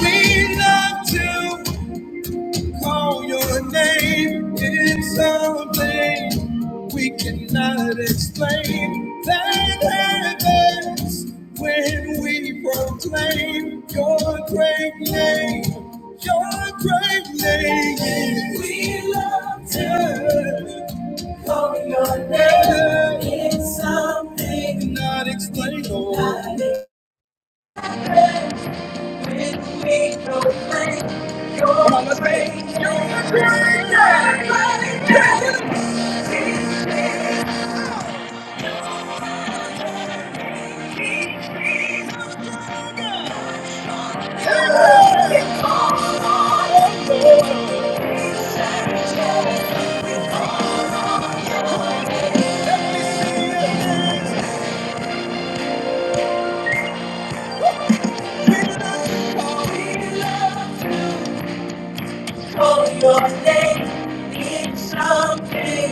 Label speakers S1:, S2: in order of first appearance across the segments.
S1: We love to call your name. It's something we cannot explain. That happens when we proclaim your great name. Your great name. We love to call your name. It's something we cannot explain. Oh. Come on, let's make it. Your name is something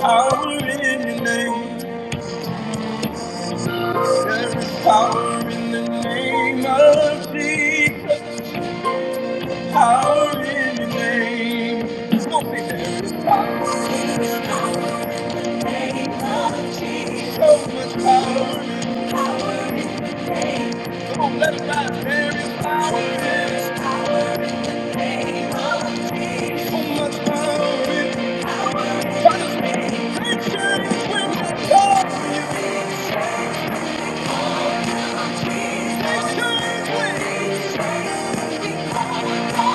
S1: Power in the name. There's power in the name of Jesus. Power in the name. It's gonna be there. It's power. So much power in the name. Come on, let it out. There is power in it. So much power in it. Try to make change when you go.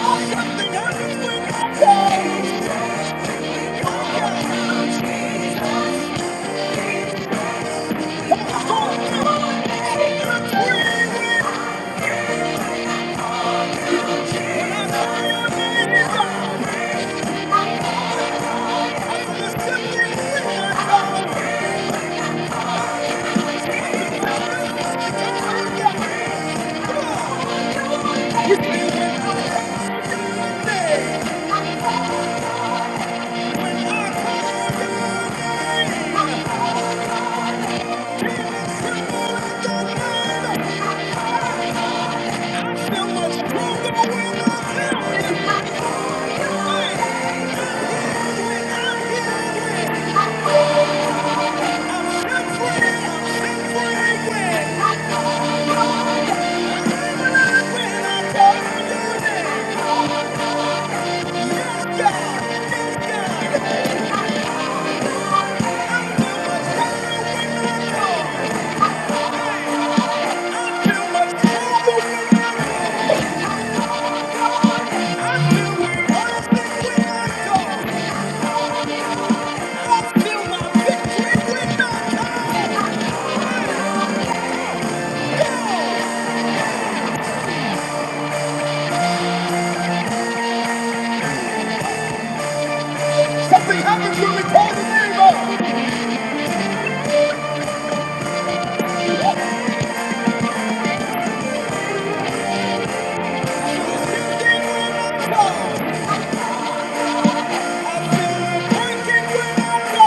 S1: Something happens when you go. There's something in your soul. I'm Yeah. Something happens when we call the name up. I feel it breaking when I go.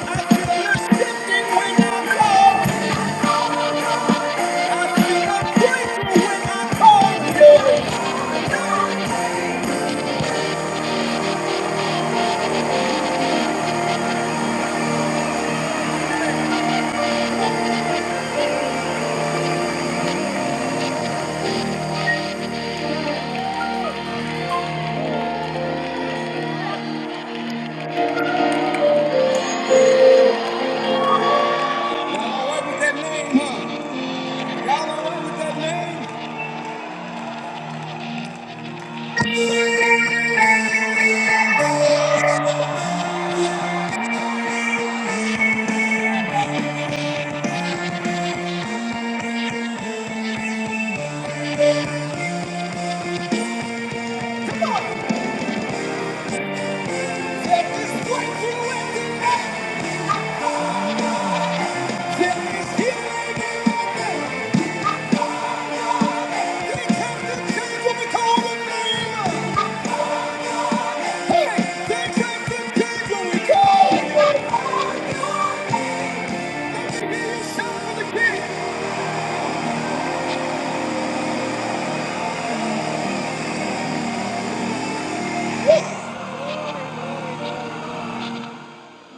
S1: I feel it shifting when I go. I feel like crazy when I call you. Y'all don't work with that name, huh? Y'all don't work with that name. That's just crazy when the night comes.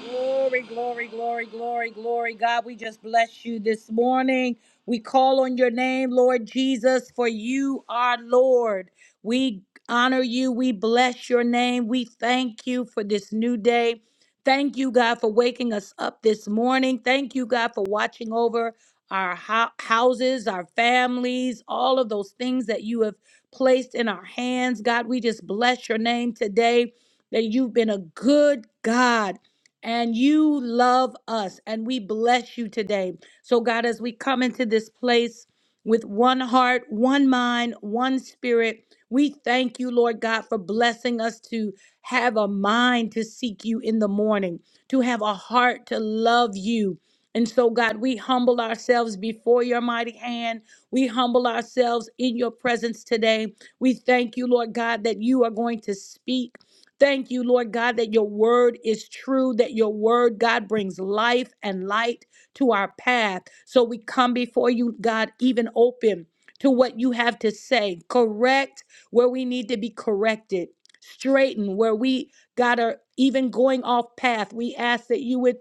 S1: Glory, glory, glory, glory, glory. God, we just bless you this morning. We call on your name, Lord Jesus, for you are Lord. We honor you. We bless your name. We thank you for this new day. Thank you, God, for waking us up this morning. Thank you, God, for watching over our hou- houses, our families, all of those things that you have placed in our hands. God, we just bless your name today that you've been a good God and you love us and we bless you today. So, God, as we come into this place with one heart, one mind, one spirit, we thank you, Lord God, for blessing us to have a mind to seek you in the morning, to have a heart to love you. And so, God, we humble ourselves before your mighty hand. We humble ourselves in your presence today. We thank you, Lord God, that you are going to speak. Thank you, Lord God, that your word is true, that your word, God, brings life and light to our path. So we come before you, God, even open to what you have to say. Correct where we need to be corrected. Straighten where we, God, are even going off path. We ask that you would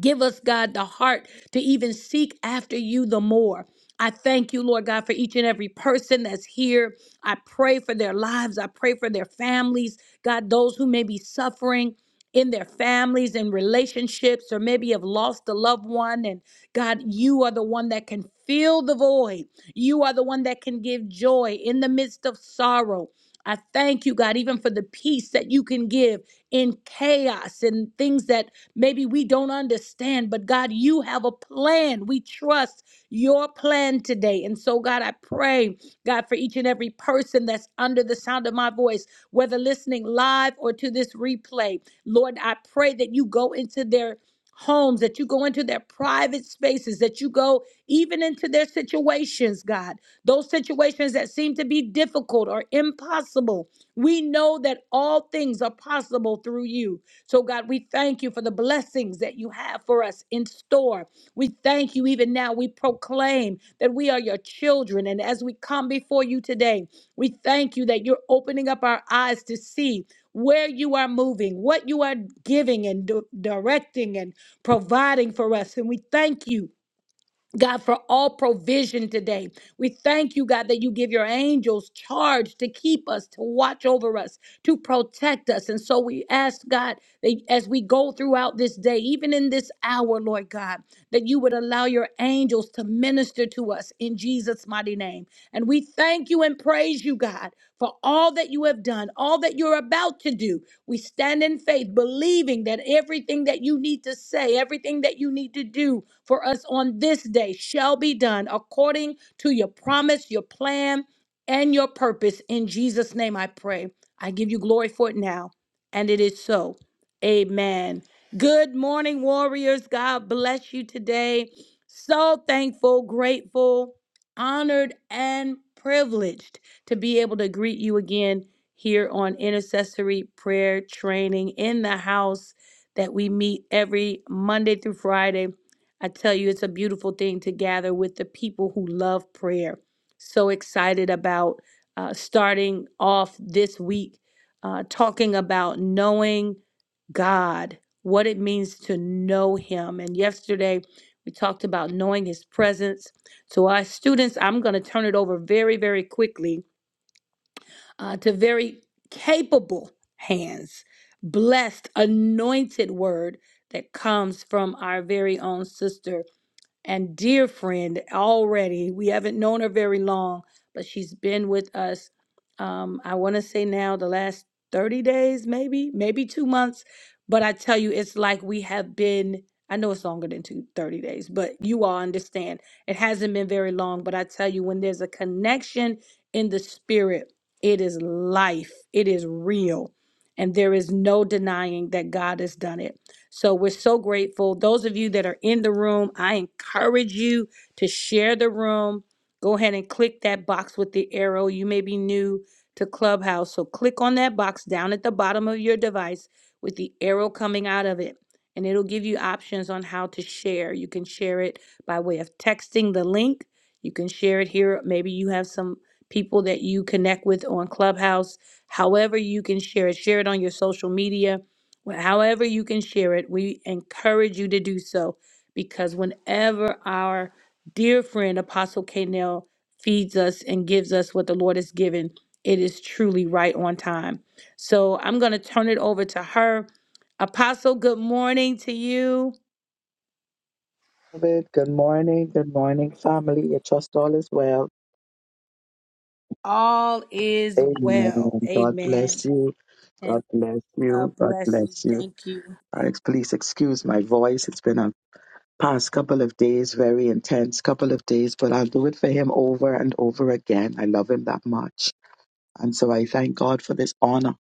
S1: Give us, God, the heart to even seek after you the more. I thank you, Lord God, for each and every person that's here. I pray for their lives. I pray for their families. God, those who may be suffering in their families and relationships, or maybe have lost a loved one. And God, you are the one that can fill the void. You are the one that can give joy in the midst of sorrow. I thank you, God, even for the peace that you can give in chaos and things that Maybe we don't understand, but God, you have a plan. We trust your plan today. And so, God, I pray, God, for each and every person that's under the sound of my voice, whether listening live or to this replay, Lord, I pray that you go into their homes, that you go into their private spaces, that you go even into their situations, God, those situations that seem to be difficult or impossible. We know that all things are possible through you. So, God, we thank you for the blessings that you have for us in store. We thank you even now. We proclaim that we are your children. And as we come before you today, we thank you that you're opening up our eyes to see where you are moving, what you are giving and di- directing and providing for us. And we thank you God, for all provision today. We thank you, God, that you give your angels charge to keep us, to watch over us, to protect us. And so we ask, God, that as we go throughout this day, even in this hour, Lord God, that you would allow your angels to minister to us in Jesus' mighty name. And we thank you and praise you, God, for all that you have done, all that you're about to do. We stand in faith, believing that everything that you need to say, everything that you need to do, for us on this day shall be done according to your promise, your plan, and your purpose. In Jesus' name I pray. I give you glory for it now. And it is so. Amen. Good morning, warriors. God bless you today. So thankful, grateful, honored, and privileged to be able to greet you again here on intercessory prayer training in the house that we meet every Monday through Friday I tell you, it's a beautiful thing to gather with the people who love prayer. So excited about uh, starting off this week uh, talking about knowing God, what it means to know Him. And yesterday we talked about knowing His presence. So, our students, I'm going to turn it over very, very quickly uh, to very capable hands, blessed, anointed word that comes from our very own sister and dear friend already. We haven't known her very long, but she's been with us. Um, I want to say now the last 30 days, maybe, maybe two months. But I tell you, it's like we have been, I know it's longer than two thirty days, but you all understand. It hasn't been very long. But I tell you, when there's a connection in the spirit, it is life, it is real. And there is no denying that God has done it. So we're so grateful. Those of you that are in the room, I encourage you to share the room. Go ahead and click that box with the arrow. You may be new to Clubhouse, so click on that box down at the bottom of your device with the arrow coming out of it. And it'll give you options on how to share. You can share it by way of texting the link. You can share it here. Maybe you have some people that you connect with on Clubhouse. However, you can share it. Share it on your social media Wh- however you can share it, we encourage you to do so because whenever our dear friend Apostle Canel feeds us and gives us what the Lord has given, it is truly right on time. So I'm going to turn it over to her. Apostle, good morning to you.
S2: David. Good morning. Good morning, family. I trust all is well.
S1: All is
S2: Amen.
S1: well.
S2: God
S1: Amen.
S2: bless you. God
S1: And
S2: bless
S1: God
S2: you. God
S1: bless you.
S2: bless you.
S1: Thank you.
S2: Uh, ex- Please excuse my voice. It's been a past couple of days, very intense couple of days, but I'll do it for him over and over again. I love him that much. And so I thank God for this honor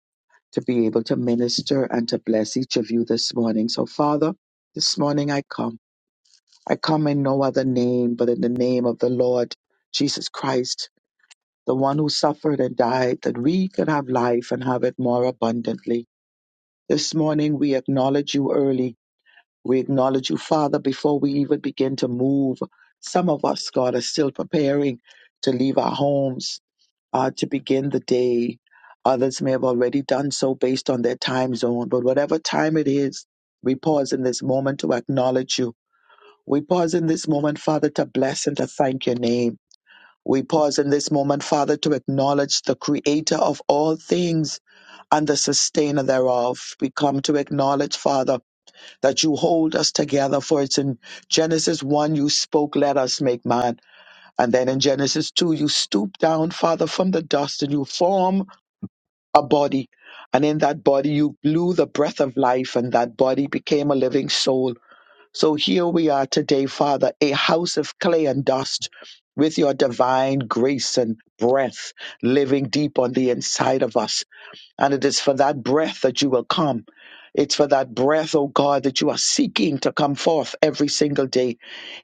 S2: to be able to minister and to bless each of you this morning. So, Father, this morning I come. I come in no other name but in the name of the Lord Jesus Christ. the one who suffered and died, that we could have life and have it more abundantly. This morning, we acknowledge you early. We acknowledge you, Father, before we even begin to move. Some of us, God, are still preparing to leave our homes uh, to begin the day. Others may have already done so based on their time zone. But whatever time it is, we pause in this moment to acknowledge you. We pause in this moment, Father, to bless and to thank your name. We pause in this moment, Father, to acknowledge the creator of all things and the sustainer thereof. We come to acknowledge, Father, that you hold us together, for it's in Genesis 1 you spoke, let us make man. And then in Genesis 2, you stoop down, Father, from the dust and you form a body. And in that body, you blew the breath of life, and that body became a living soul. So here we are today, Father, a house of clay and dust with your divine grace and breath living deep on the inside of us. And it is for that breath that you will come. It's for that breath, oh God, that you are seeking to come forth every single day.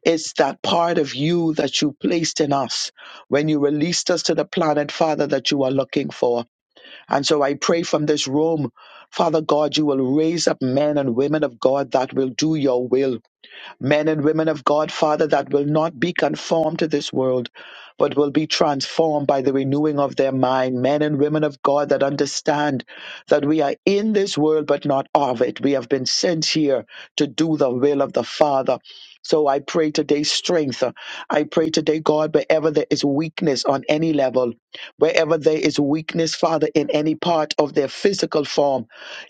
S2: It's that part of you that you placed in us when you released us to the planet, Father, that you are looking for. And so I pray from this room, Father God, you will raise up men and women of God that will do your will men and women of God, Father, that will not be conformed to this world, but will be transformed by the renewing of their mind. Men and women of God that understand that we are in this world, but not of it. We have been sent here to do the will of the Father. So I pray today strength. I pray today, God, wherever there is weakness on any level, wherever there is weakness, Father, in any part of their physical form,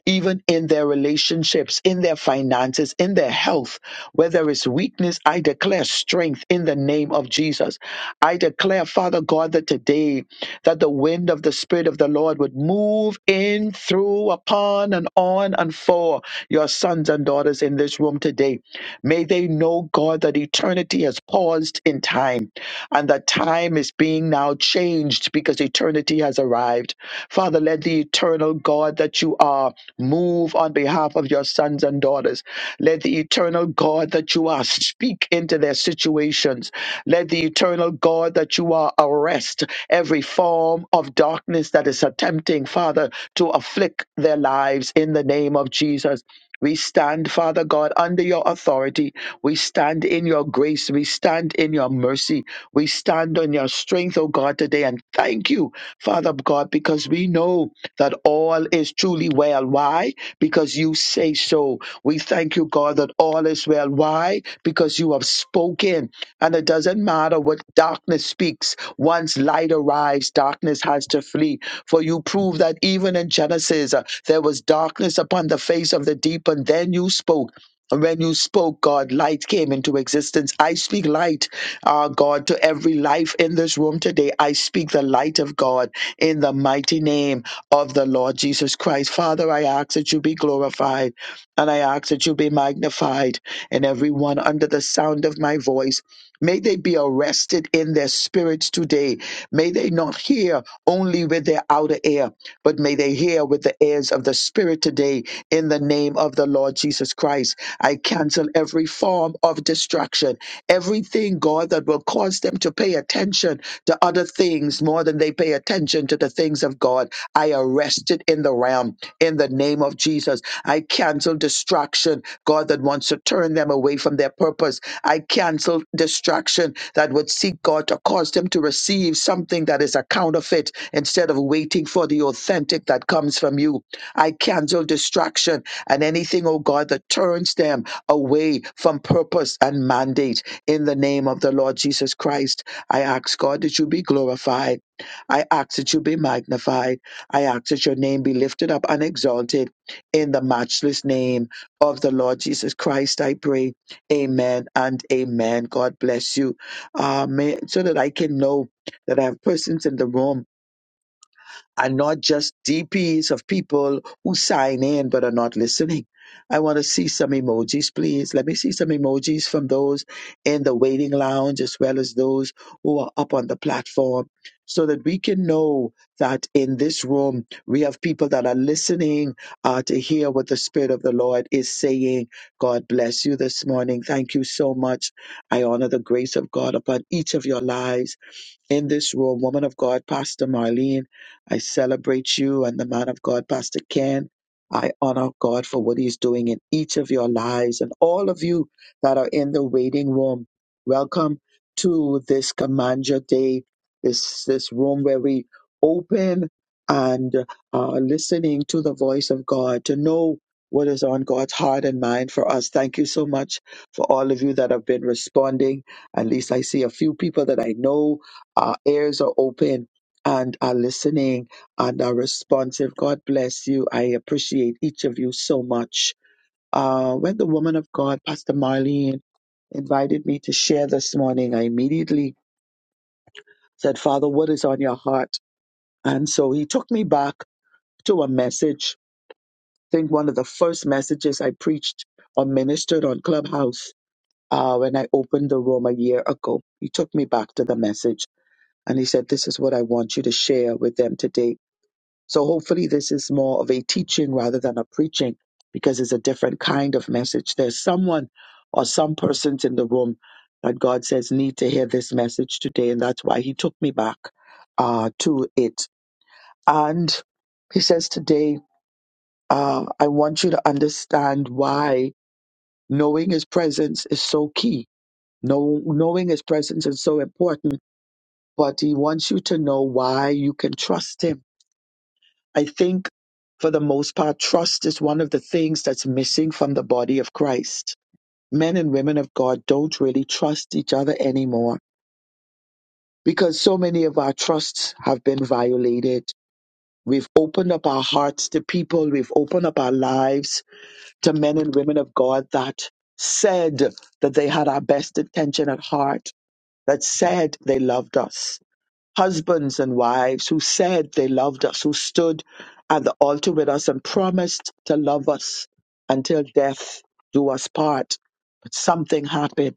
S2: even in their relationships, in their finances, in their health, where there is weakness, I declare strength in the name of Jesus. I declare, Father God, that today that the wind of the Spirit of the Lord would move in, through, upon, and on, and for your sons and daughters in this room today. May they know, God, that eternity has paused in time and that time is being now changed because eternity has arrived. Father, let the eternal God that you are move on behalf of your sons and daughters. Let the eternal God that you are speak into their situations. Let the eternal God that you are arrest every form of darkness that is attempting, Father, to afflict their lives in the name of Jesus. We stand, Father God, under your authority. We stand in your grace. We stand in your mercy. We stand on your strength, oh God, today and thank you, Father God, because we know that all is truly well. Why? Because you say so. We thank you, God, that all is well. Why? Because you have spoken. And it doesn't matter what darkness speaks. Once light arrives, darkness has to flee. For you prove that even in Genesis, uh, there was darkness upon the face of the deep, and then you spoke. And when you spoke, God, light came into existence. I speak light uh, God, to every life in this room today, I speak the light of God in the mighty name of the Lord Jesus Christ. Father, I ask that you be glorified and I ask that you be magnified and everyone under the sound of my voice. May they be arrested in their spirits today. May they not hear only with their outer ear, but may they hear with the ears of the Spirit today in the name of the Lord Jesus Christ. I cancel every form of distraction Everything, God, that will cause them to pay attention to other things more than they pay attention to the things of God, I arrest it in the realm in the name of Jesus. I cancel distraction, God, that wants to turn them away from their purpose. I cancel distraction that would seek God to cause them to receive something that is a counterfeit instead of waiting for the authentic that comes from you. I cancel distraction and anything, oh God, that turns them away from purpose and mandate in the name of the Lord Jesus Christ, I ask God that you be glorified. I ask that you be magnified. I ask that your name be lifted up and exalted in the matchless name of the Lord Jesus Christ. I pray. Amen and amen. God bless you. Uh, may- so that I can know that I have persons in the room and not just DPs of people who sign in but are not listening. I want to see some emojis, please. Let me see some emojis from those in the waiting lounge as well as those who are up on the platform so that we can know that in this room we have people that are listening uh, to hear what the Spirit of the Lord is saying. God bless you this morning. Thank you so much. I honor the grace of God upon each of your lives in this room, woman of God, Pastor Marlene. I celebrate you and the man of God, Pastor Ken. I honor God for what he's doing in each of your lives and all of you that are in the waiting room. Welcome to this Command Your Day, this, this room where we open and are listening to the voice of God to know what is on God's heart and mind for us. Thank you so much for all of you that have been responding. At least I see a few people that I know our ears are open and are listening and are responsive. God bless you. I appreciate each of you so much. Uh, when the woman of God, Pastor Marlene, invited me to share this morning, I immediately said, Father, what is on your heart? And so he took me back to a message. I think one of the first messages I preached or ministered on Clubhouse uh, when I opened the room a year ago. He took me back to the message and he said, This is what I want you to share with them today So hopefully this is more of a teaching rather than a preaching because it's a different kind of message. There's someone or some persons in the room that God says need to hear this message today. And that's why he took me back uh, to it. And he says today, uh, I want you to understand why knowing his presence is so key. Know, knowing his presence is so important, but he wants you to know why you can trust him I think for the most part, trust is one of the things that's missing from the body of Christ. Men and women of God don't really trust each other anymore because so many of our trusts have been violated. We've opened up our hearts to people, we've opened up our lives to men and women of God that said that they had our best intention at heart, that said they loved us. husbands and wives who said they loved us, who stood at the altar with us and promised to love us until death do us part. But something happened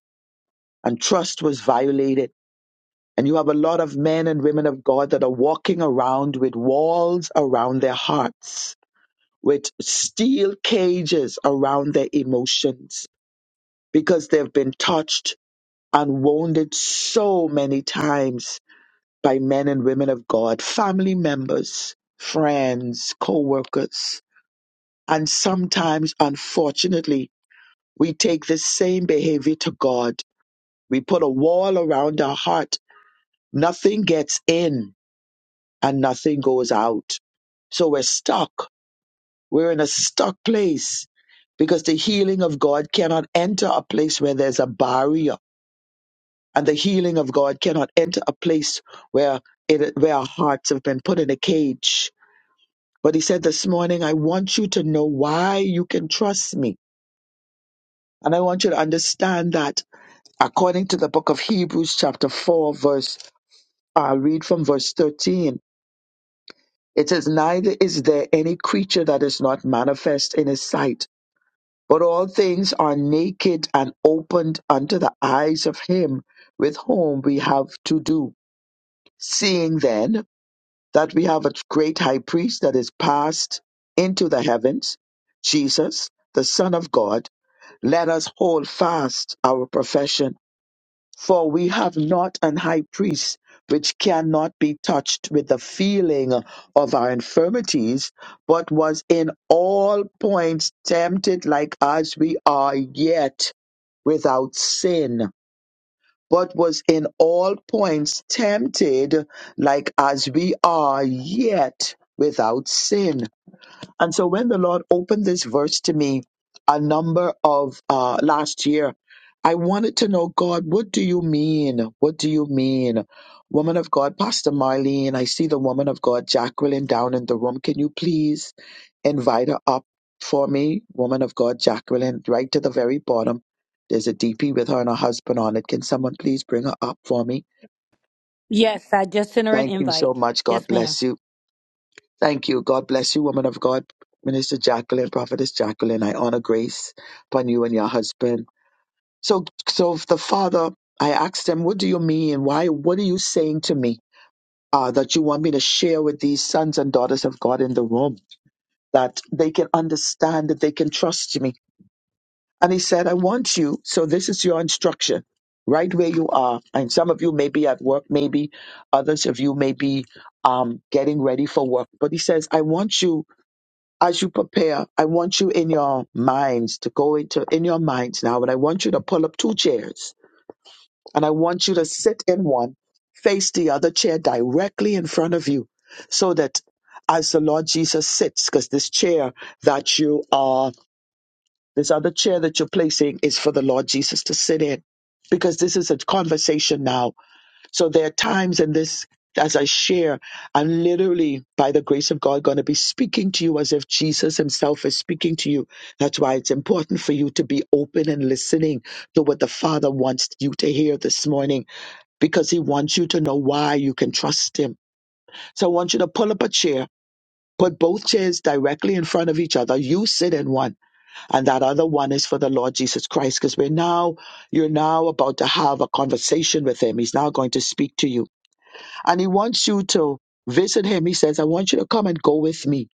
S2: and trust was violated. And you have a lot of men and women of God that are walking around with walls around their hearts, with steel cages around their emotions because they've been touched and wounded so many times by men and women of God, family members, friends, co workers. And sometimes, unfortunately, we take this same behavior to God. We put a wall around our heart. Nothing gets in and nothing goes out. So we're stuck. We're in a stuck place because the healing of God cannot enter a place where there's a barrier. And the healing of God cannot enter a place where, it, where our hearts have been put in a cage But he said, This morning, I want you to know why you can trust me. And I want you to understand that according to the book of Hebrews, chapter 4, verse, I'll read from verse 13. It says, Neither is there any creature that is not manifest in his sight, but all things are naked and opened unto the eyes of him with whom we have to do. Seeing then that we have a great high priest that is passed into the heavens, Jesus, the Son of God let us hold fast our profession. For we have not an high priest which cannot be touched with the feeling of our infirmities, but was in all points tempted like as we are yet without sin. But was in all points tempted like as we are yet without sin. And so when the Lord opened this verse to me a number of uh, last year, I wanted to know, God, what do you mean? What do you mean? Woman of God, Pastor Marlene, I see the woman of God, Jacqueline, down in the room. Can you please invite her up for me? Woman of God, Jacqueline, right to the very bottom. There's a DP with her and her husband on it. Can someone please bring her up for me?
S1: Yes, I just sent her an
S2: Thank you
S1: invite.
S2: so much. God
S1: Yes, ma'am.
S2: bless you. Thank you. God bless you, woman of God, Minister Jacqueline, Prophetess Jacqueline. I honor grace upon you and your husband. So, so if the father, I asked him, what do you mean? Why, what are you saying to me? Uh, that you want me to share with these sons and daughters of God in the room, that they can understand, that they can trust me. And he said, I want you. So this is your instruction, right where you are. And some of you may be at work, maybe others of you may be um, getting ready for work. But he says, I want you as you prepare, I want you in your minds to go into in your minds now, and I want you to pull up two chairs, and I want you to sit in one, face the other chair directly in front of you, so that as the Lord Jesus sits, because this chair that you are, this other chair that you're placing is for the Lord Jesus to sit in, because this is a conversation now so there are times in this, as I share, I'm literally, by the grace of God, going to be speaking to you as if Jesus himself is speaking to you. That's why it's important for you to be open and listening to what the Father wants you to hear this morning, because he wants you to know why you can trust him. So I want you to pull up a chair. Put both chairs directly in front of each other. You sit in one, and that other one is for the Lord Jesus Christ, because we're now, you're now about to have a conversation with Him. He's now going to speak to you and he wants you to visit him. He says, I want you to come and go with me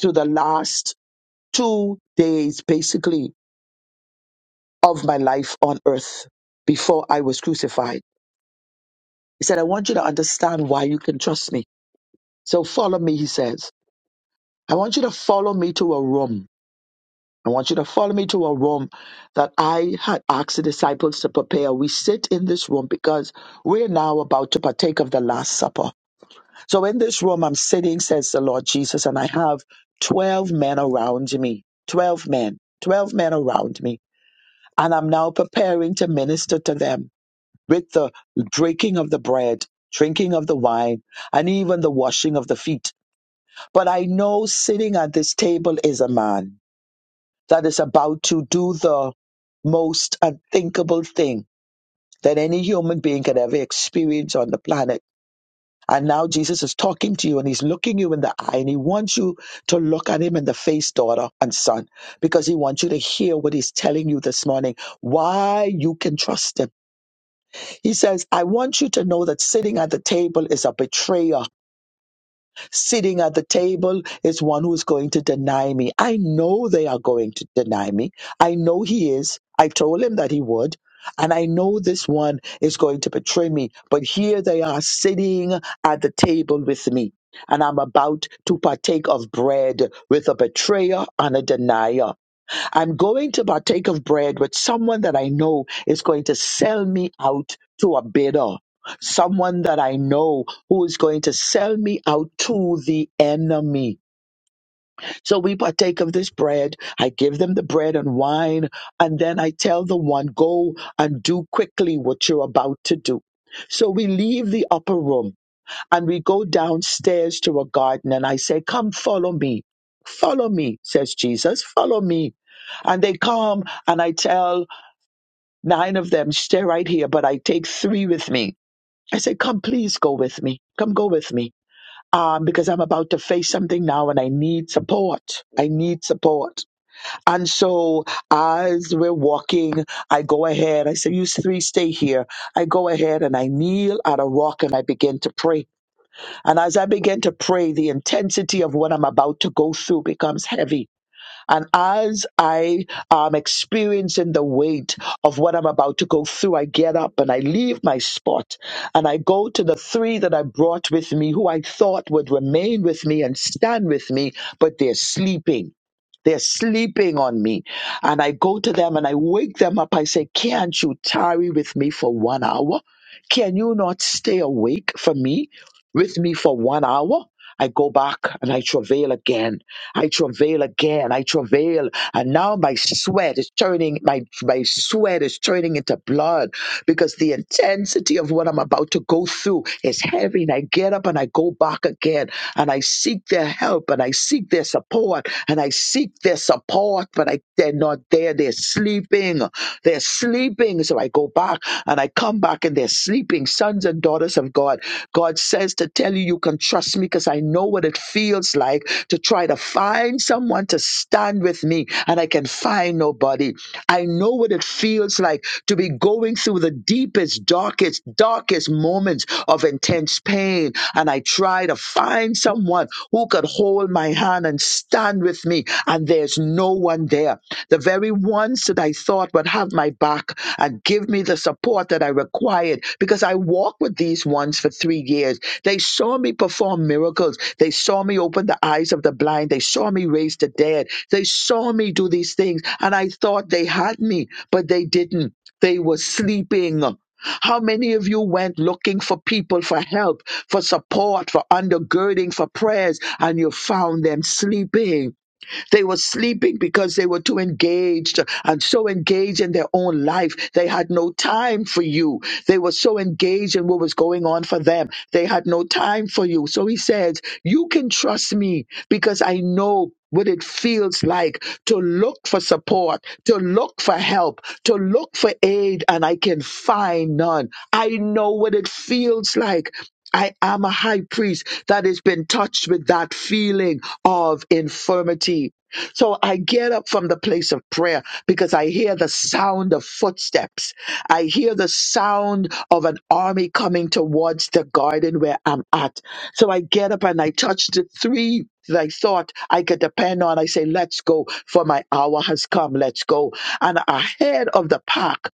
S2: to the last two days, basically, of my life on earth before I was crucified. He said, I want you to understand why you can trust me. So follow me, he says. I want you to follow me to a room. I want you to follow me to a room that I had asked the disciples to prepare. We sit in this room because we're now about to partake of the Last Supper. So in this room, I'm sitting, says the Lord Jesus, and I have 12 men around me. 12 men. 12 men around me. And I'm now preparing to minister to them with the breaking of the bread, drinking of the wine, and even the washing of the feet. But I know sitting at this table is a man that is about to do the most unthinkable thing that any human being could ever experience on the planet And now Jesus is talking to you and he's looking you in the eye and he wants you to look at him in the face, daughter and son, because he wants you to hear what he's telling you this morning, why you can trust him. He says, I want you to know that sitting at the table is a betrayer Sitting at the table is one who's going to deny me. I know they are going to deny me. I know he is. I told him that he would. And I know this one is going to betray me. But here they are sitting at the table with me. And I'm about to partake of bread with a betrayer and a denier. I'm going to partake of bread with someone that I know is going to sell me out to a bidder, someone that I know who is going to sell me out to the enemy. So we partake of this bread. I give them the bread and wine, and then I tell the one, go and do quickly what you're about to do. So we leave the upper room. And we go downstairs to a garden and I say, Come follow me. Follow me, says Jesus. Follow me. And they come and I tell nine of them, stay right here, but I take three with me. I say, Come, please go with me. Come go with me. Um, because I'm about to face something now and I need support. I need support. And so as we're walking, I go ahead. I say, You three stay here. I go ahead and I kneel at a rock and I begin to pray. And as I begin to pray, the intensity of what I'm about to go through becomes heavy and as I am experiencing the weight of what I'm about to go through, I get up and I leave my spot and I go to the three that I brought with me who I thought would remain with me and stand with me, but they're sleeping. They're sleeping on me. And I go to them and I wake them up. I say, Can't you tarry with me for one hour? Can you not stay awake for me, with me for one hour? I go back and I travail again I travail again. I travail. And now my sweat is turning, my, my sweat is turning into blood because the intensity of what I'm about to go through is heavy. And I get up and I go back again and I seek their help and I seek their support and I seek their support, but I, they're not there. They're sleeping. They're sleeping. So I go back and I come back and they're sleeping. Sons and daughters of God. God says to tell you, you can trust me because I know what it feels like to try to find someone to stand with me and I can find nobody. I know what it feels like to be going through the deepest, darkest, darkest moments of intense pain. And I try to find someone who could hold my hand and stand with me. And there's no one there the very ones that I thought would have my back and give me the support that I required because I walked with these ones for three years. They saw me perform miracles. They saw me open the eyes of the blind. They saw me raise the dead. They saw me do these things and I thought they had me, but they didn't. They were sleeping. How many of you went looking for people for help, for support, for undergirding, for prayers, and you found them sleeping? They were sleeping because they were too engaged and so engaged in their own life. They had no time for you. They were so engaged in what was going on for them. They had no time for you. So he says, You can trust me because I know what it feels like to look for support, to look for help, to look for aid, and I can find none. I know what it feels like. I am a high priest that has been touched with that feeling of infirmity. So I get up from the place of prayer because I hear the sound of footsteps. I hear the sound of an army coming towards the garden where I'm at. So I get up and I touch the three that I thought I could depend on. I say, let's go, for my hour has come. Let's go. And ahead of the pack,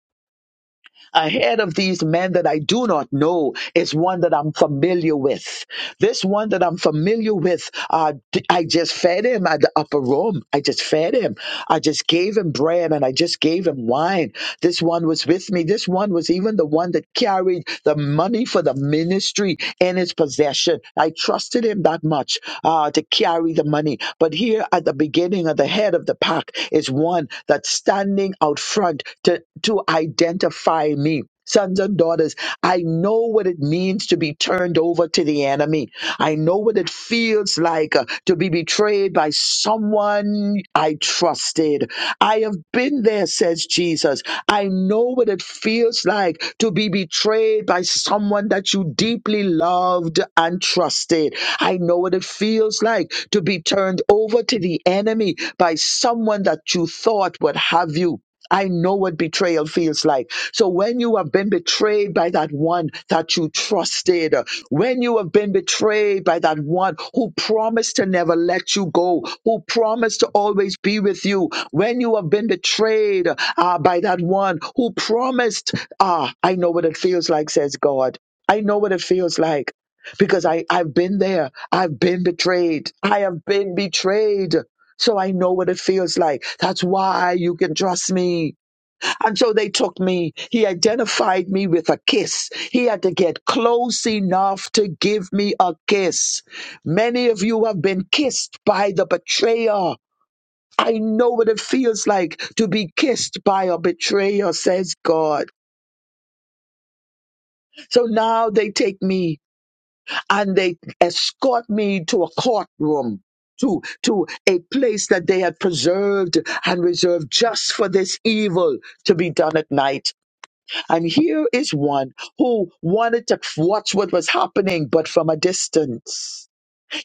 S2: ahead of these men that I do not know, is one that I'm familiar with. This one that I'm familiar with, uh, d- I just fed him at the upper room. I just fed him. I just gave him bread and I just gave him wine. This one was with me. This one was even the one that carried the money for the ministry in his possession. I trusted him that much uh, to carry the money. But here at the beginning of the head of the pack is one that's standing out front to, to identify me sons and daughters, I know what it means to be turned over to the enemy. I know what it feels like uh, to be betrayed by someone I trusted. I have been there, says Jesus. I know what it feels like to be betrayed by someone that you deeply loved and trusted. I know what it feels like to be turned over to the enemy by someone that you thought would have you. I know what betrayal feels like. So when you have been betrayed by that one that you trusted, when you have been betrayed by that one who promised to never let you go, who promised to always be with you, when you have been betrayed uh, by that one who promised, ah, I know what it feels like, says God. I know what it feels like because I, I've been there. I've been betrayed. I have been betrayed. So I know what it feels like. That's why you can trust me. And so they took me. He identified me with a kiss. He had to get close enough to give me a kiss. Many of you have been kissed by the betrayer. I know what it feels like to be kissed by a betrayer, says God. So now they take me and they escort me to a courtroom to to a place that they had preserved and reserved just for this evil to be done at night and here is one who wanted to watch what was happening but from a distance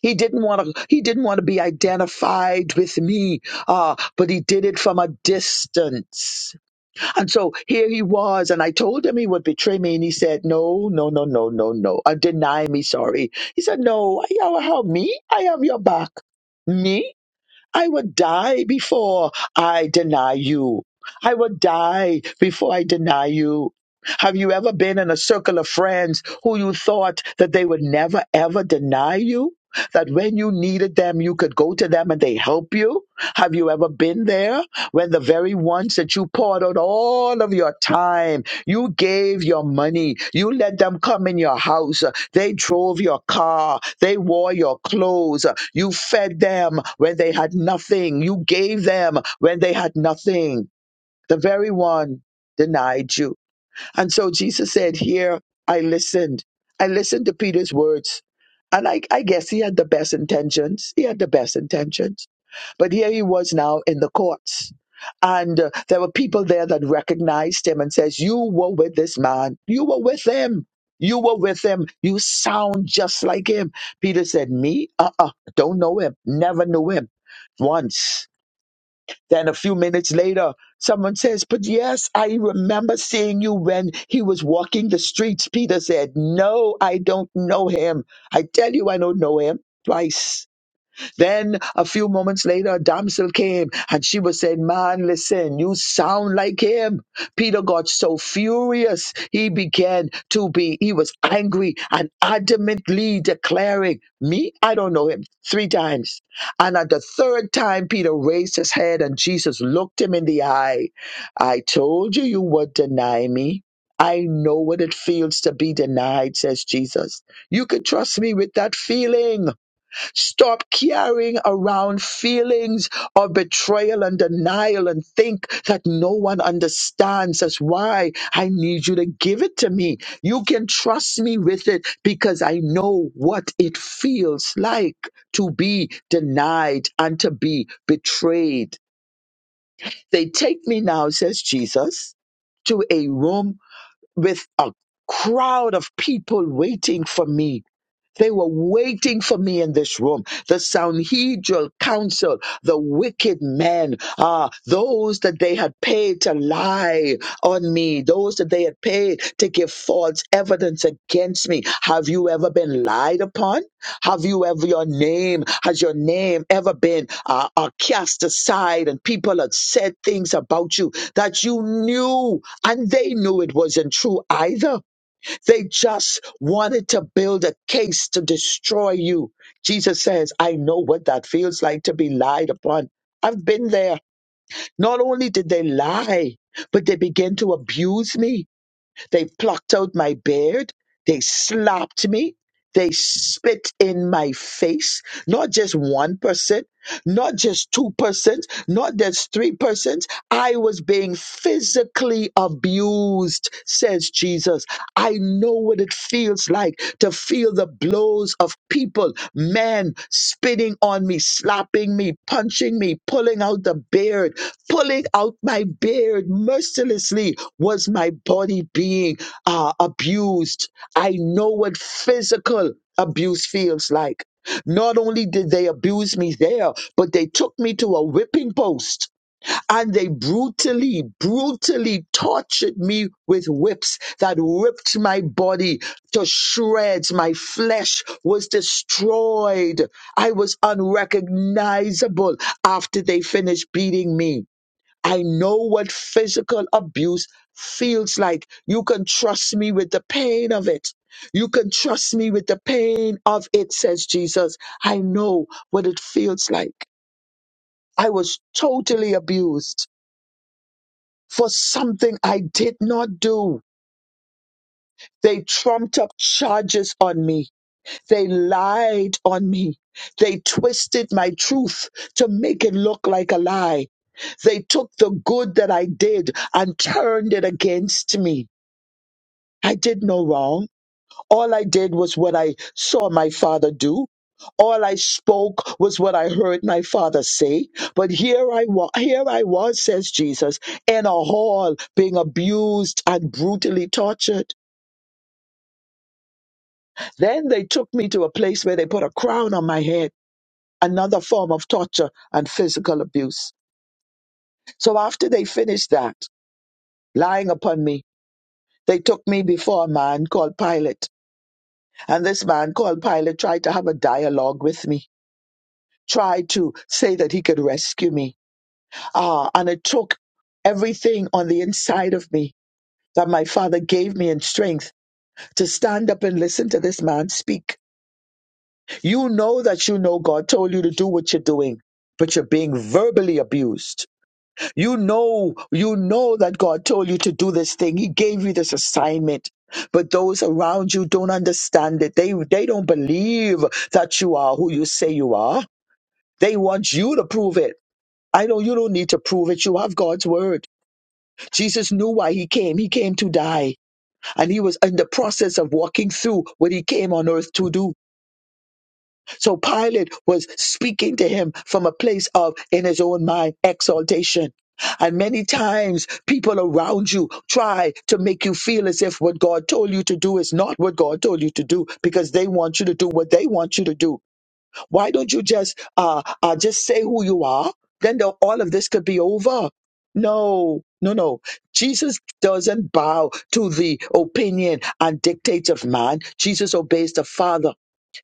S2: he didn't want to he didn't want to be identified with me uh, but he did it from a distance and so here he was, and I told him he would betray me, and he said, No, no, no, no, no, no. And deny me, sorry. He said, No, you will help me. I am your back. Me? I would die before I deny you. I would die before I deny you. Have you ever been in a circle of friends who you thought that they would never ever deny you? That when you needed them, you could go to them and they help you? Have you ever been there when the very ones that you poured out all of your time, you gave your money, you let them come in your house, they drove your car. They wore your clothes. You fed them when they had nothing. You gave them when they had nothing. The very one denied you. And so Jesus said, Here, I listened. I listened to Peter's words. And I, I guess he had the best intentions. He had the best intentions but here he was now in the courts. And uh, there were people there that recognized him and says, you were with this man. You were with him. You were with him. You sound just like him. Peter said, me? Uh-uh. Don't know him. Never knew him. Once. Then a few minutes later, someone says, but yes, I remember seeing you when he was walking the streets. Peter said, no, I don't know him. I tell you, I don't know him. Twice. Then a few moments later, a damsel came and she was saying, Man, listen, you sound like him. Peter got so furious, he began to be, he was angry and adamantly declaring, Me? I don't know him. Three times. And at the third time, Peter raised his head and Jesus looked him in the eye. I told you you would deny me. I know what it feels to be denied, says Jesus. You can trust me with that feeling. Stop carrying around feelings of betrayal and denial and think that no one understands us. Why? I need you to give it to me. You can trust me with it because I know what it feels like to be denied and to be betrayed. They take me now, says Jesus, to a room with a crowd of people waiting for me they were waiting for me in this room. The Sanhedrin council, the wicked men, ah, those that they had paid to lie on me, those that they had paid to give false evidence against me. Have you ever been lied upon? Have you ever, your name, has your name ever been uh, uh, cast aside and people had said things about you that you knew and they knew it wasn't true either? They just wanted to build a case to destroy you. Jesus says, I know what that feels like to be lied upon. I've been there. Not only did they lie, but they began to abuse me they plucked out my beard. They slapped me. They spit in my face. Not just 1%, not just 2 persons. not just 3 persons. I was being physically abused, says Jesus. I know what it feels like to feel the blows of people, men spitting on me, slapping me, punching me, pulling out the beard pulling out my beard mercilessly was my body being uh, abused. I know what physical abuse feels like. Not only did they abuse me there, but they took me to a whipping post and they brutally, brutally tortured me with whips that ripped my body to shreds. My flesh was destroyed. I was unrecognizable after they finished beating me. I know what physical abuse feels like. You can trust me with the pain of it. You can trust me with the pain of it, says Jesus. I know what it feels like. I was totally abused for something I did not do. They trumped up charges on me. They lied on me. They twisted my truth to make it look like a lie. They took the good that I did and turned it against me. I did no wrong. All I did was what I saw my father do. All I spoke was what I heard my father say. But here I was, here I was, says Jesus, in a hall being abused and brutally tortured. Then they took me to a place where they put a crown on my head, another form of torture and physical abuse. So after they finished that, lying upon me, they took me before a man called Pilate. And this man called Pilate tried to have a dialogue with me. tried to say that he could rescue me. Uh, and it took everything on the inside of me that my father gave me in strength to stand up and listen to this man speak. You know that you know God told you to do what you're doing. But you're being verbally abused. You know, you know that God told you to do this thing. He gave you this assignment, but those around you don't understand it. They they don't believe that you are who you say you are. They want you to prove it. I know you don't need to prove it. You have God's word. Jesus knew why he came. He came to die. And he was in the process of walking through what he came on earth to do. So Pilate was speaking to him from a place of, in his own mind, exaltation. And many times people around you try to make you feel as if what God told you to do is not what God told you to do because they want you to do what they want you to do. Why don't you just uh, uh just say who you are? Then the, all of this could be over. No, no, no. Jesus doesn't bow to the opinion and dictates of man. Jesus obeys the Father.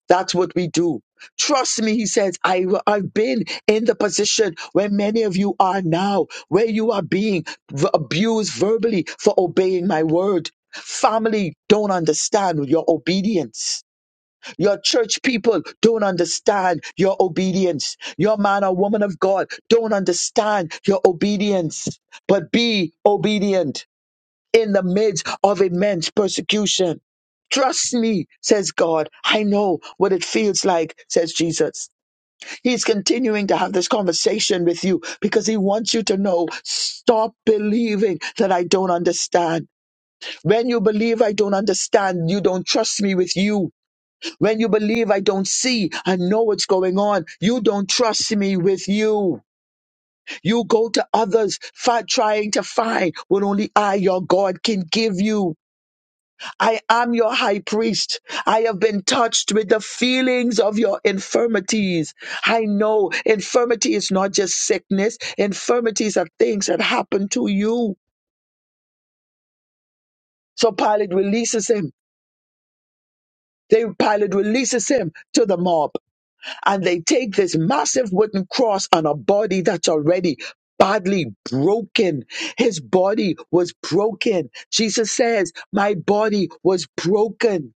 S2: That's what we do. Trust me, he says, I, I've been in the position where many of you are now, where you are being v- abused verbally for obeying my word. Family don't understand your obedience your church people don't understand your obedience. Your man or woman of God don't understand your obedience. But be obedient in the midst of immense persecution. Trust me, says God. I know what it feels like, says Jesus. He's continuing to have this conversation with you because he wants you to know stop believing that I don't understand. When you believe I don't understand, you don't trust me with you. When you believe, I don't see, I know what's going on. You don't trust me with you. You go to others fi- trying to find what only I, your God, can give you. I am your high priest. I have been touched with the feelings of your infirmities. I know infirmity is not just sickness, infirmities are things that happen to you. So Pilate releases him. They, Pilate releases him to the mob. and they take this massive wooden cross on a body that's already badly broken. His body was broken. Jesus says, My body was broken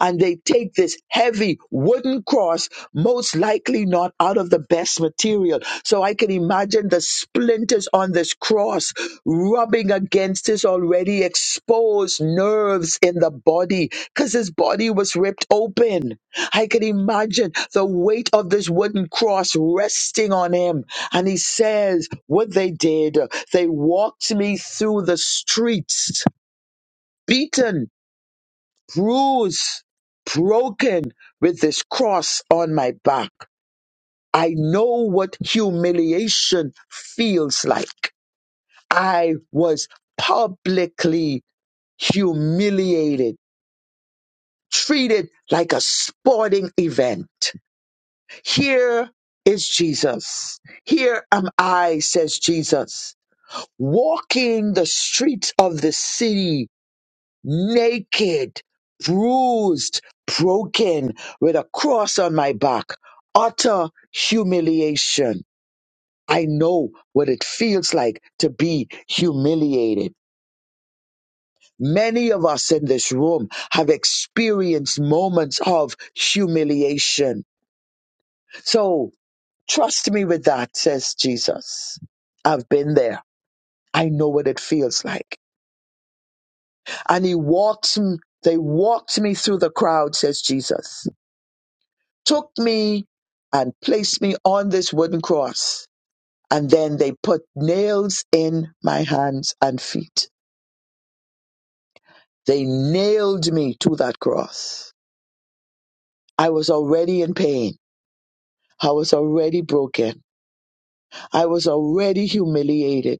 S2: and they take this heavy wooden cross, most likely not out of the best material. So I can imagine the splinters on this cross rubbing against his already exposed nerves in the body because his body was ripped open. I can imagine the weight of this wooden cross resting on him. And he says, What they did, they walked me through the streets. Beaten bruised, broken with this cross on my back. I know what humiliation feels like. I was publicly humiliated, treated like a sporting event. Here is Jesus. Here am I, says Jesus, walking the streets of the city naked, bruised, broken, with a cross on my back, utter humiliation. I know what it feels like to be humiliated. Many of us in this room have experienced moments of humiliation. So trust me with that, says Jesus. I've been there. I know what it feels like. And he walks, m- they walked me through the crowd, says Jesus took me and placed me on this wooden cross. And then they put nails in my hands and feet. They nailed me to that cross. I was already in pain. I was already broken. I was already humiliated.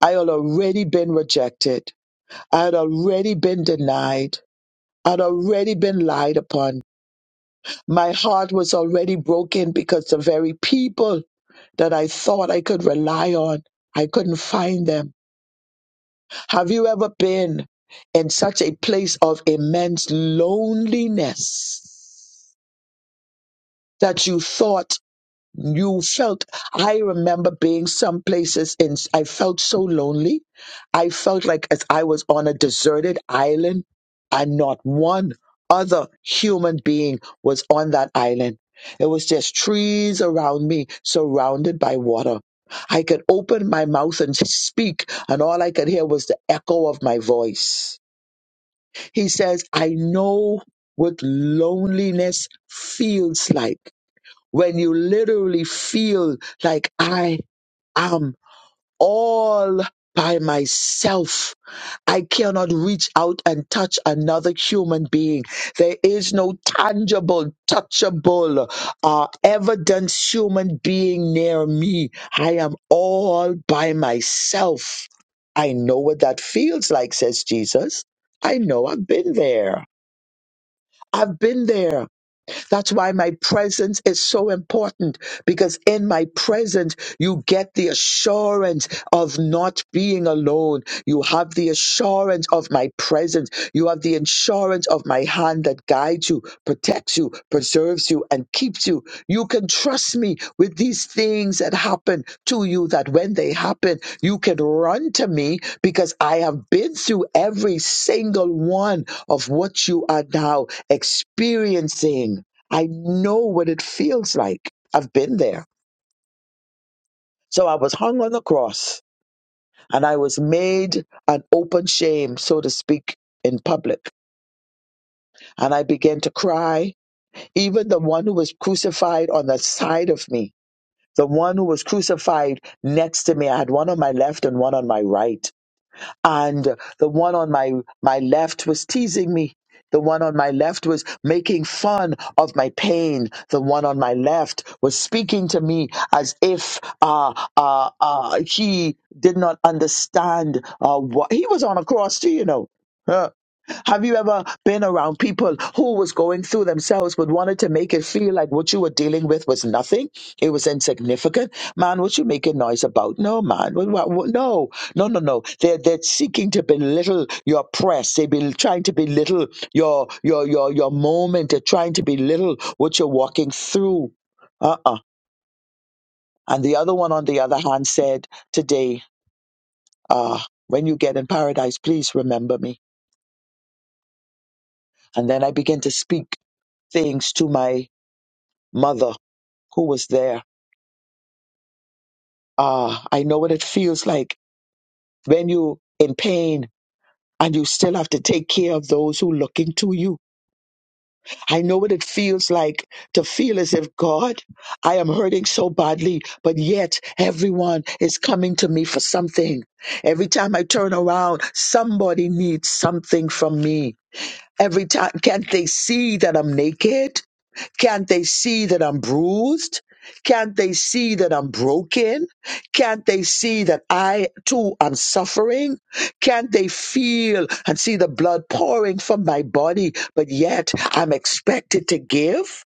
S2: I had already been rejected. I had already been denied. I'd already been lied upon. My heart was already broken because the very people that I thought I could rely on, I couldn't find them. Have you ever been in such a place of immense loneliness that you thought you felt? I remember being some places and I felt so lonely. I felt like as I was on a deserted island and not one other human being was on that island. It was just trees around me, surrounded by water. I could open my mouth and speak, and all I could hear was the echo of my voice. He says, I know what loneliness feels like when you literally feel like I am all by myself. I cannot reach out and touch another human being. There is no tangible, touchable, uh, evidence human being near me. I am all by myself. I know what that feels like, says Jesus. I know I've been there. I've been there. That's why my presence is so important because in my presence, you get the assurance of not being alone. You have the assurance of my presence. You have the insurance of my hand that guides you, protects you, preserves you, and keeps you. You can trust me with these things that happen to you, that when they happen, you can run to me because I have been through every single one of what you are now experiencing. I know what it feels like. I've been there. So I was hung on the cross and I was made an open shame, so to speak, in public. And I began to cry. Even the one who was crucified on the side of me, the one who was crucified next to me, I had one on my left and one on my right. and the one on my my left was teasing me the one on my left was making fun of my pain. The one on my left was speaking to me as if uh, uh, uh, he did not understand uh, what he was on a cross, too, you know. Huh. Have you ever been around people who was going through themselves but wanted to make it feel like what you were dealing with was nothing? It was insignificant. Man, what you making noise about? No, man. What, what, what- no, no, no, no. They're, they're seeking to belittle your press. They've been trying to belittle your, your, your, your moment. They're trying to belittle what you're walking through. Uh-uh. And the other one, on the other hand, said today, uh, when you get in paradise, please remember me. And then I begin to speak things to my mother who was there. Ah, I know what it feels like when you in pain and you still have to take care of those who looking to you. I know what it feels like to feel as if God, I am hurting so badly, but yet everyone is coming to me for something. Every time I turn around, somebody needs something from me. Every time, can't they see that I'm naked? Can't they see that I'm bruised? Can't they see that I'm broken? Can't they see that I too am suffering? Can't they feel and see the blood pouring from my body, but yet I'm expected to give?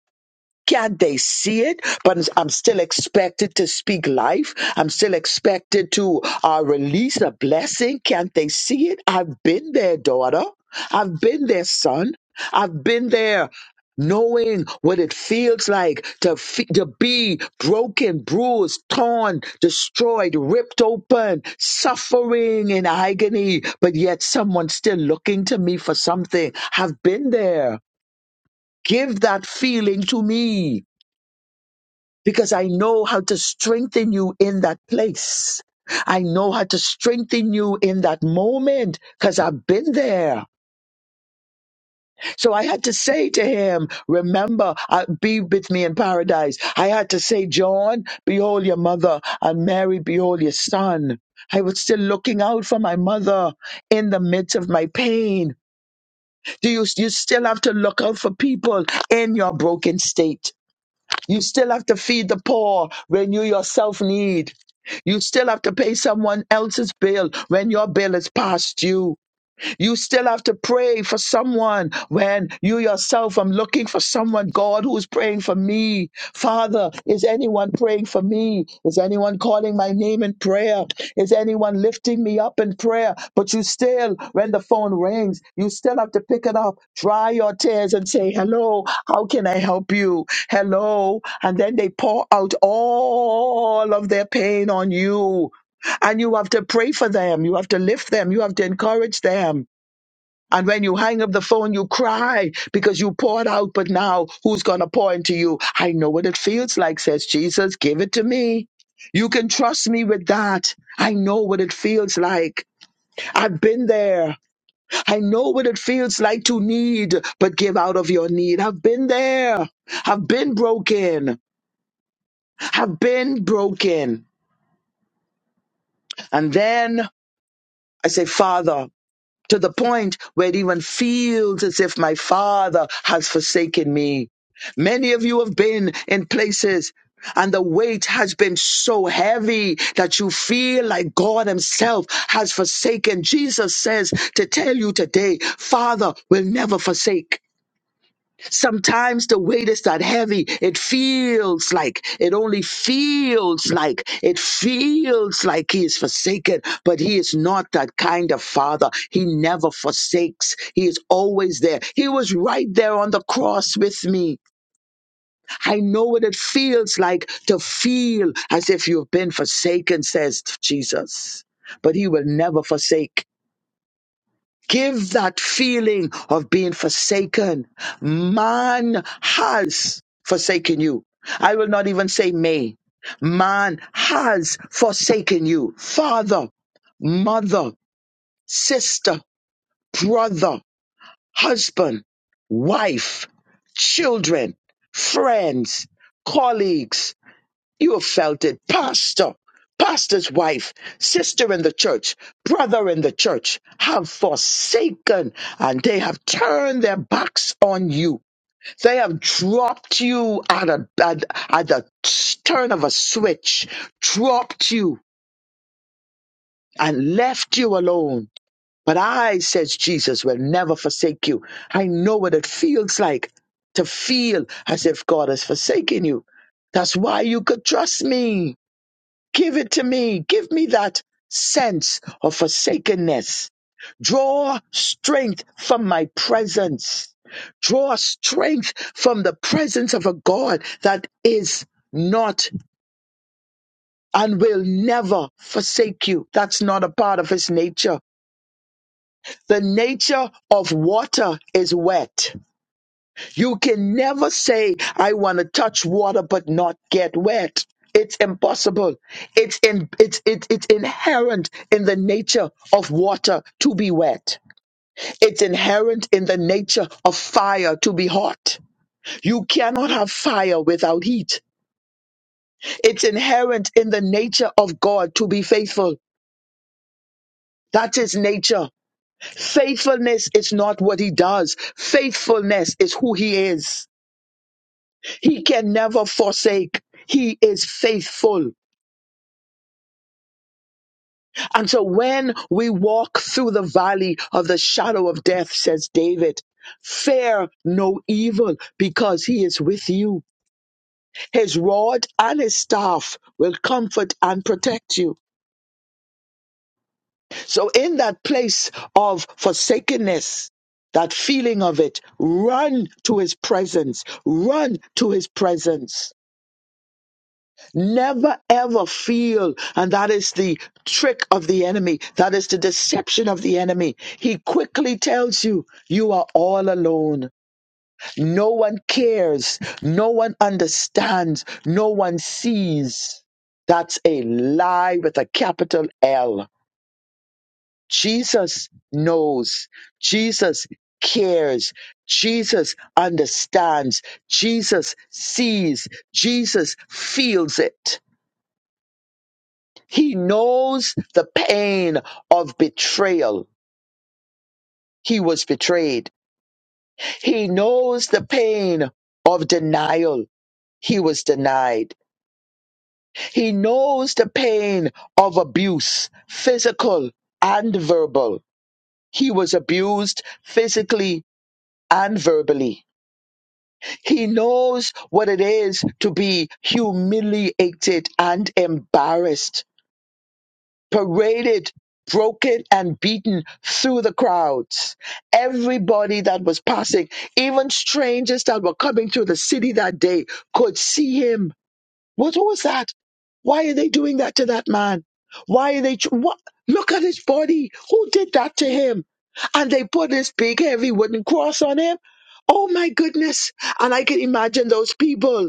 S2: Can't they see it? But I'm still expected to speak life. I'm still expected to uh, release a blessing. Can't they see it? I've been there, daughter. I've been there, son. I've been there. Knowing what it feels like to, fe- to be broken, bruised, torn, destroyed, ripped open, suffering in agony, but yet someone's still looking to me for something. I've been there. Give that feeling to me because I know how to strengthen you in that place. I know how to strengthen you in that moment because I've been there. So I had to say to him, Remember, uh, be with me in paradise. I had to say, John, behold your mother, and Mary, behold your son. I was still looking out for my mother in the midst of my pain. Do you, you still have to look out for people in your broken state? You still have to feed the poor when you yourself need. You still have to pay someone else's bill when your bill is past due. You still have to pray for someone when you yourself, I'm looking for someone, God, who's praying for me. Father, is anyone praying for me? Is anyone calling my name in prayer? Is anyone lifting me up in prayer? But you still, when the phone rings, you still have to pick it up, dry your tears, and say, Hello, how can I help you? Hello. And then they pour out all of their pain on you and you have to pray for them. You have to lift them. You have to encourage them. And when you hang up the phone, you cry because you poured out, but now who's going to pour into you? I know what it feels like, says Jesus. Give it to me. You can trust me with that. I know what it feels like. I've been there. I know what it feels like to need, but give out of your need. I've been there. I've been broken. I've been broken. And then I say, Father, to the point where it even feels as if my father has forsaken me. Many of you have been in places and the weight has been so heavy that you feel like God Himself has forsaken. Jesus says to tell you today, Father will never forsake. Sometimes the weight is that heavy. It feels like, it only feels like, it feels like he is forsaken, but he is not that kind of father. He never forsakes. He is always there. He was right there on the cross with me. I know what it feels like to feel as if you've been forsaken, says Jesus. But he will never forsake. Give that feeling of being forsaken. Man has forsaken you. I will not even say may. Man has forsaken you. Father, mother, sister, brother, husband, wife, children, friends, colleagues, you have felt it. Pastor, pastor's wife, sister in the church, brother in the church have forsaken and they have turned their backs on you. They have dropped you at, a, at, at the turn of a switch, dropped you and left you alone. But I, says Jesus, will never forsake you. I know what it feels like to feel as if God has forsaken you. That's why you could trust me. Give it to me. Give me that sense of forsakenness. Draw strength from my presence. Draw strength from the presence of a God that is not and will never forsake you. That's not a part of his nature. The nature of water is wet. You can never say, I want to touch water but not get wet. It's impossible. It's in it's it's it's inherent in the nature of water to be wet. It's inherent in the nature of fire to be hot. You cannot have fire without heat. It's inherent in the nature of God to be faithful. That's his nature. Faithfulness is not what he does. Faithfulness is who he is. He can never forsake. He is faithful. And so when we walk through the valley of the shadow of death, says David, fear no evil because he is with you. His rod and his staff will comfort and protect you. So in that place of forsakenness, that feeling of it, run to his presence, run to his presence Never ever feel. And that is the trick of the enemy. That is the deception of the enemy. He quickly tells you, you are all alone. No one cares. No one understands. No one sees. That's a lie with a capital L. Jesus knows. Jesus cares. Jesus understands. Jesus sees. Jesus feels it. He knows the pain of betrayal. He was betrayed. He knows the pain of denial. He was denied. He knows the pain of abuse, physical and verbal. He was abused physically and verbally. He knows what it is to be humiliated and embarrassed paraded, broken, and beaten through the crowds. Everybody that was passing, even strangers that were coming to the city that day, could see him. What was that? Why are they doing that to that man? Why are they? tr- What? Look at his body. Who did that to him? And they put this big, heavy wooden cross on him. Oh my goodness. And I can imagine those people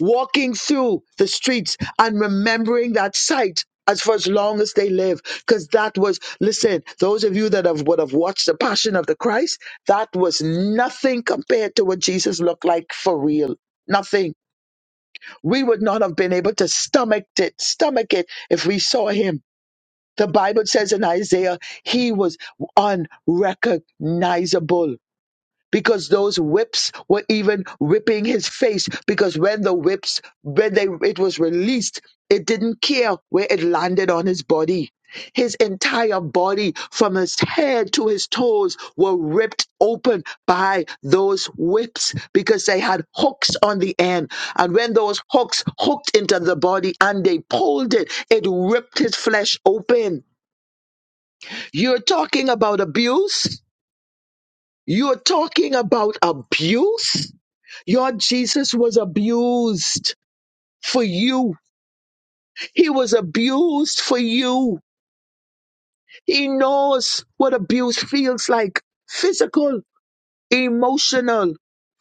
S2: walking through the streets and remembering that sight as for as long as they live because that was listen those of you that have would have watched the passion of the christ that was nothing compared to what jesus looked like for real nothing we would not have been able to stomach it stomach it if we saw him the bible says in isaiah he was unrecognizable because those whips were even whipping his face because when the whips when they it was released it didn't care where it landed on his body his entire body from his head to his toes were ripped open by those whips because they had hooks on the end and when those hooks hooked into the body and they pulled it it ripped his flesh open you're talking about abuse you're talking about abuse your Jesus was abused for you. He was abused for you. He knows what abuse feels like physical, emotional,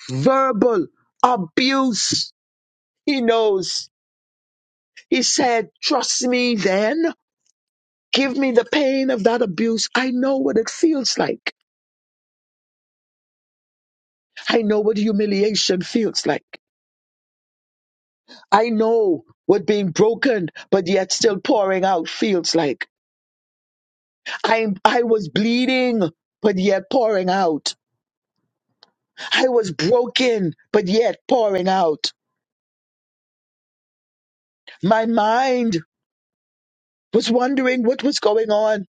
S2: verbal abuse. He knows. He said, Trust me then. Give me the pain of that abuse. I know what it feels like. I know what humiliation feels like. I know what being broken, but yet still pouring out feels like. I, I was bleeding, but yet pouring out. I was broken, but yet pouring out. My mind was wondering what was going on,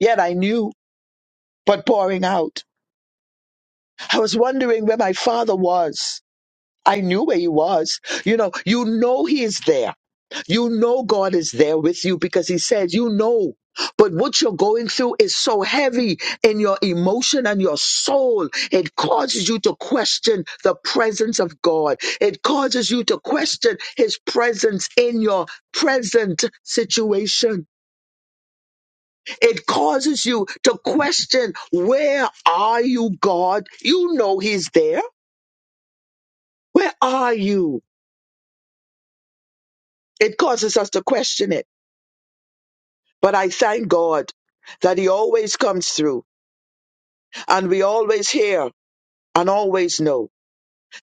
S2: yet I knew, but pouring out. I was wondering where my father was. I knew where he was. You know, you know he is there You know God is there with you because He says, you know. But what you're going through is so heavy in your emotion and your soul. It causes you to question the presence of God. It causes you to question His presence in your present situation. It causes you to question, where are you, God? You know He's there. Where are you? It causes us to question it. But I thank God that He always comes through And we always hear and always know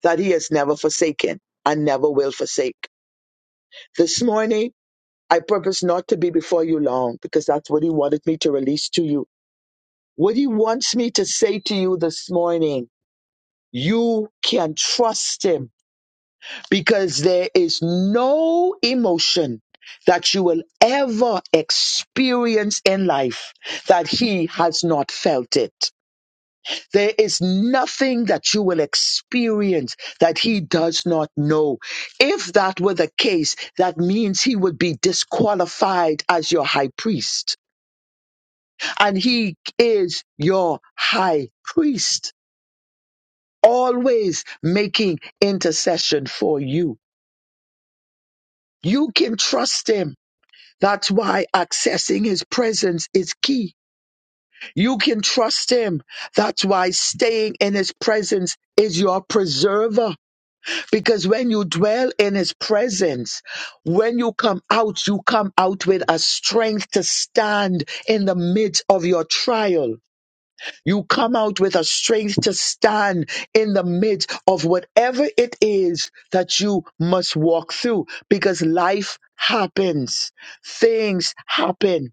S2: that He has never forsaken and never will forsake. This morning, I purpose not to be before you long because that's what He wanted me to release to you. What He wants me to say to you this morning, you can trust Him because there is no emotion that you will ever experience in life that He has not felt it. There is nothing that you will experience that he does not know. If that were the case, that means he would be disqualified as your high priest. And he is your high priest, always making intercession for you. You can trust him. That's why accessing his presence is key. You can trust him. That's why staying in his presence is your preserver. Because when you dwell in his presence, when you come out, you come out with a strength to stand in the midst of your trial. You come out with a strength to stand in the midst of whatever it is that you must walk through because life happens. Things happen.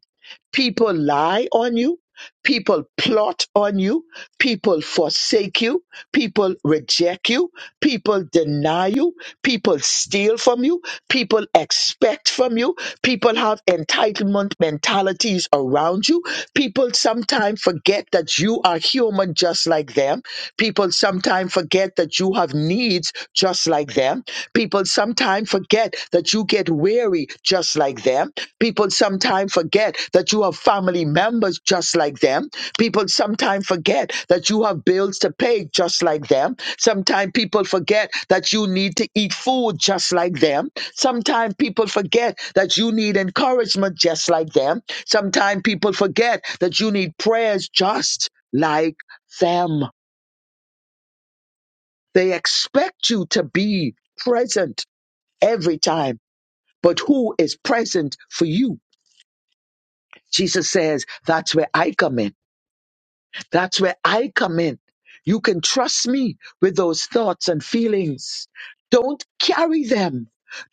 S2: People lie on you. People plot on you. People forsake you. People reject you. People deny you. People steal from you. People expect from you. People have entitlement mentalities around you. People sometimes forget that you are human just like them. People sometimes forget that you have needs just like them. People sometimes forget that you get weary just like them People sometimes forget that you have family members just like them. People sometimes forget that you have bills to pay just like them. Sometimes people forget that you need to eat food just like them. Sometimes people forget that you need encouragement just like them. Sometimes people forget that you need prayers just like them. They expect you to be present every time. But who is present for you? Jesus says, that's where I come in. That's where I come in. You can trust me with those thoughts and feelings. Don't carry them.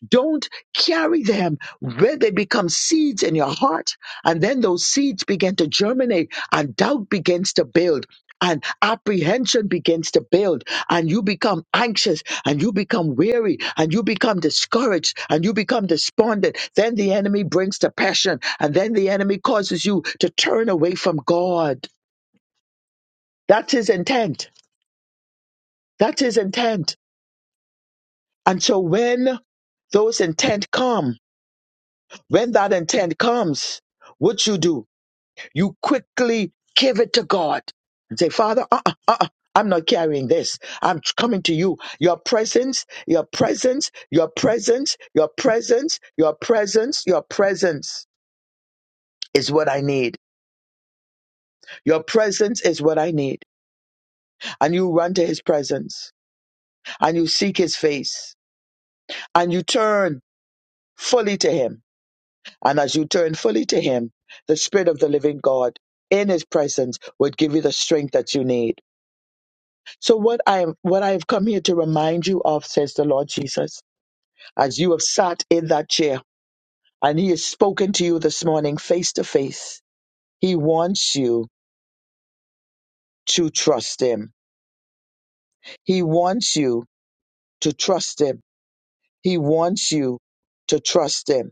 S2: Don't carry them where they become seeds in your heart. And then those seeds begin to germinate and doubt begins to build and apprehension begins to build and you become anxious and you become weary and you become discouraged and you become despondent. Then the enemy brings depression and then the enemy causes you to turn away from God. That's his intent. That's his intent. And so when those intent come, when that intent comes, what you do, you quickly give it to God and say, Father, uh-uh, uh-uh. I'm not carrying this. I'm coming to you. Your presence, your presence, your presence, your presence, your presence, your presence is what I need. Your presence is what I need. And you run to his presence and you seek his face and you turn fully to him And as you turn fully to Him, the Spirit of the living God in His presence would give you the strength that you need. So what I am, what I have come here to remind you of, says the Lord Jesus, as you have sat in that chair and He has spoken to you this morning face to face, He wants you to trust Him. He wants you to trust Him. He wants you to trust Him.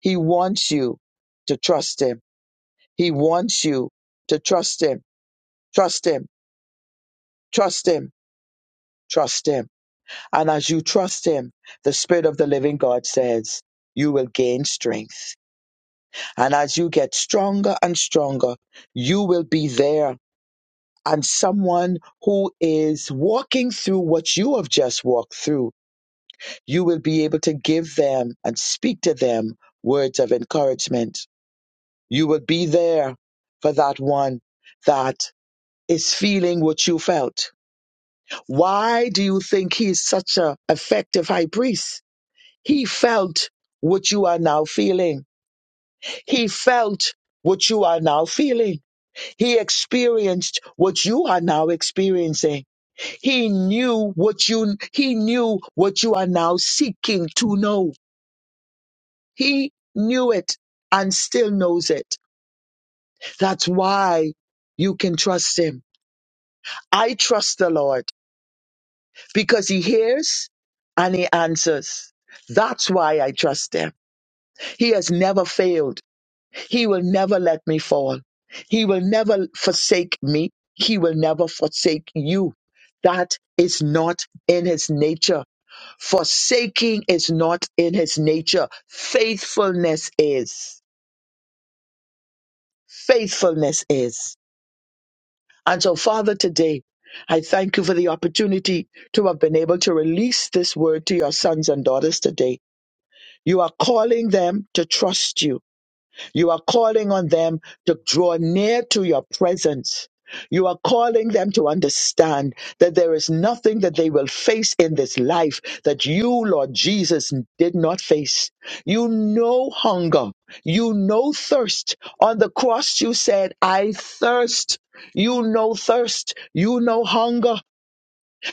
S2: He wants you to trust Him. He wants you to trust Him. Trust Him. Trust Him Trust Him. And as you trust Him, the Spirit of the living God says, you will gain strength. And as you get stronger and stronger, you will be there. And someone who is walking through what you have just walked through, you will be able to give them and speak to them words of encouragement. You will be there for that one that is feeling what you felt. Why do you think he's such an effective high priest? He felt what you are now feeling. He felt what you are now feeling. He experienced what you are now experiencing. He knew what you, he knew what you are now seeking to know. He knew it and still knows it. That's why you can trust him. I trust the Lord because he hears and he answers. That's why I trust him. He has never failed. He will never let me fall. He will never forsake me. He will never forsake you. That is not in his nature. Forsaking is not in his nature. Faithfulness is. Faithfulness is. And so, Father, today, I thank you for the opportunity to have been able to release this word to your sons and daughters today. You are calling them to trust you. You are calling on them to draw near to your presence. You are calling them to understand that there is nothing that they will face in this life that you, Lord Jesus, did not face. You know hunger. You know thirst. On the cross, you said, I thirst. You know thirst. You know hunger.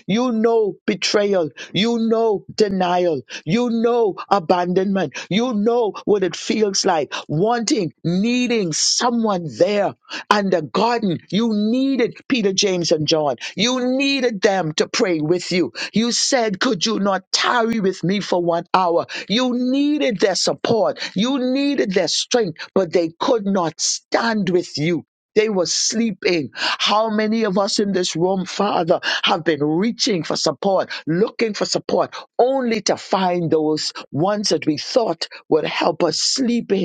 S2: You know betrayal. You know denial. You know abandonment. You know what it feels like wanting, needing someone there. And the garden, you needed Peter, James, and John. You needed them to pray with you. You said, Could you not tarry with me for one hour? You needed their support. You needed their strength, but they could not stand with you. They were sleeping. How many of us in this room, Father, have been reaching for support, looking for support, only to find those ones that we thought would help us sleeping?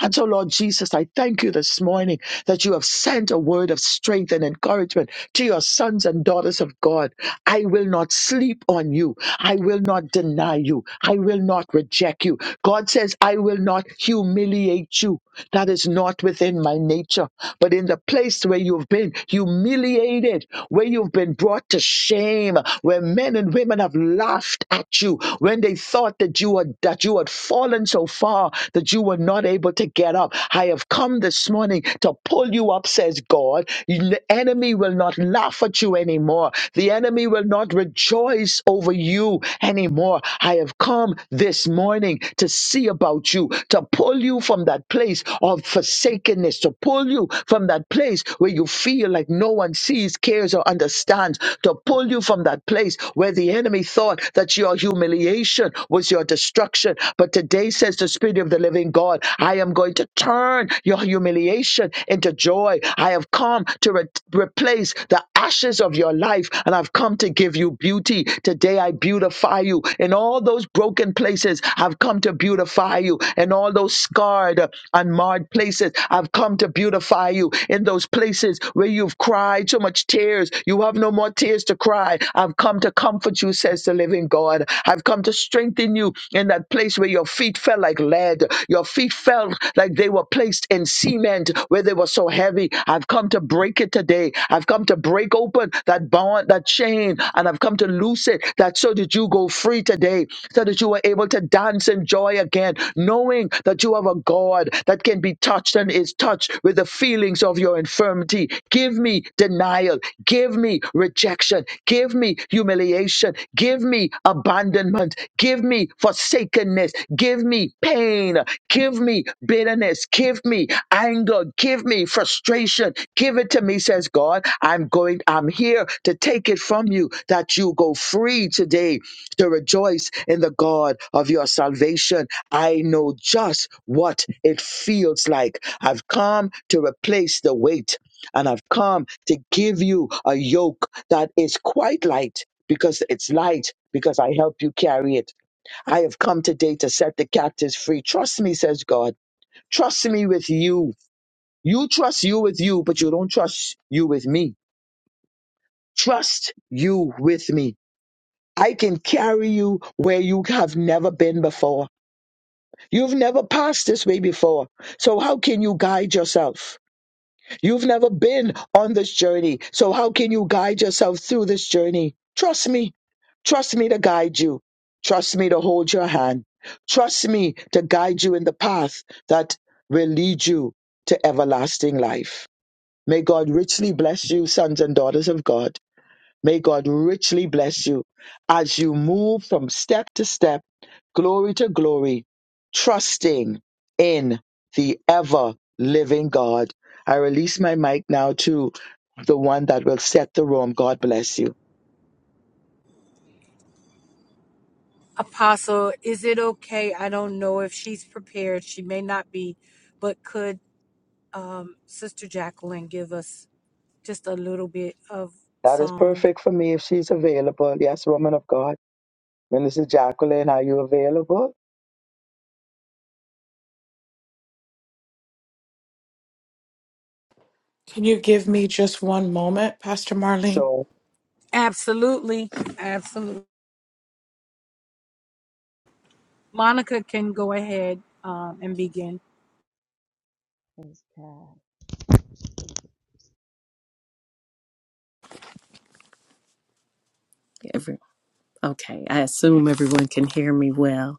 S2: And so, Lord Jesus, I thank you this morning that you have sent a word of strength and encouragement to your sons and daughters of God. I will not sleep on you. I will not deny you. I will not reject you. God says, I will not humiliate you. That is not within my nature. But in the place where you've been humiliated, where you've been brought to shame, where men and women have laughed at you, when they they thought that you had that you had fallen so far that you were not able to get up. I have come this morning to pull you up, says God. The enemy will not laugh at you anymore. The enemy will not rejoice over you anymore. I have come this morning to see about you, to pull you from that place of forsakenness, to pull you from that place where you feel like no one sees, cares, or understands, to pull you from that place where the enemy thought that your humiliation was your destruction. But today says the Spirit of the living God, I am going to turn your humiliation into joy. I have come to re- replace the ashes of your life and I've come to give you beauty. Today I beautify you. In all those broken places, I've come to beautify you. In all those scarred and marred places, I've come to beautify you by you in those places where you've cried so much tears. You have no more tears to cry. I've come to comfort you, says the living God. I've come to strengthen you in that place where your feet felt like lead. Your feet felt like they were placed in cement where they were so heavy. I've come to break it today. I've come to break open that bond, that chain, and I've come to loose it that so that you go free today, so that you are able to dance in joy again, knowing that you have a God that can be touched and is touched with the feelings of your infirmity. Give me denial. Give me rejection. Give me humiliation. Give me abandonment. Give me forsakenness. Give me pain. Give me bitterness. Give me anger. Give me frustration. Give it to me, says God. I'm going, I'm here to take it from you that you go free today to rejoice in the God of your salvation I know just what it feels like. I've come to replace the weight and I've come to give you a yoke that is quite light because it's light because I help you carry it. I have come today to set the captives free. Trust me, says God. Trust me with you. You trust you with you, but you don't trust you with me. Trust you with me. I can carry you where you have never been before. You've never passed this way before. So how can you guide yourself? You've never been on this journey. So how can you guide yourself through this journey? Trust me. Trust me to guide you. Trust me to hold your hand. Trust me to guide you in the path that will lead you to everlasting life. May God richly bless you, sons and daughters of God. May God richly bless you as you move from step to step, glory to glory, trusting in the ever living God. I release my mic now to the one that will set the room. God bless you.
S1: not be, but could um, Sister Jacqueline give us just a little bit of
S2: That is
S1: song.
S2: perfect for me if she's available. Yes, woman of God. Minister Jacqueline, are you available?
S3: Can you give me just one moment, Pastor Marlene?
S2: So,
S1: Absolutely. Absolutely. Monica can go ahead um, and begin.
S4: Praise God. Every, okay, I assume everyone can hear me well.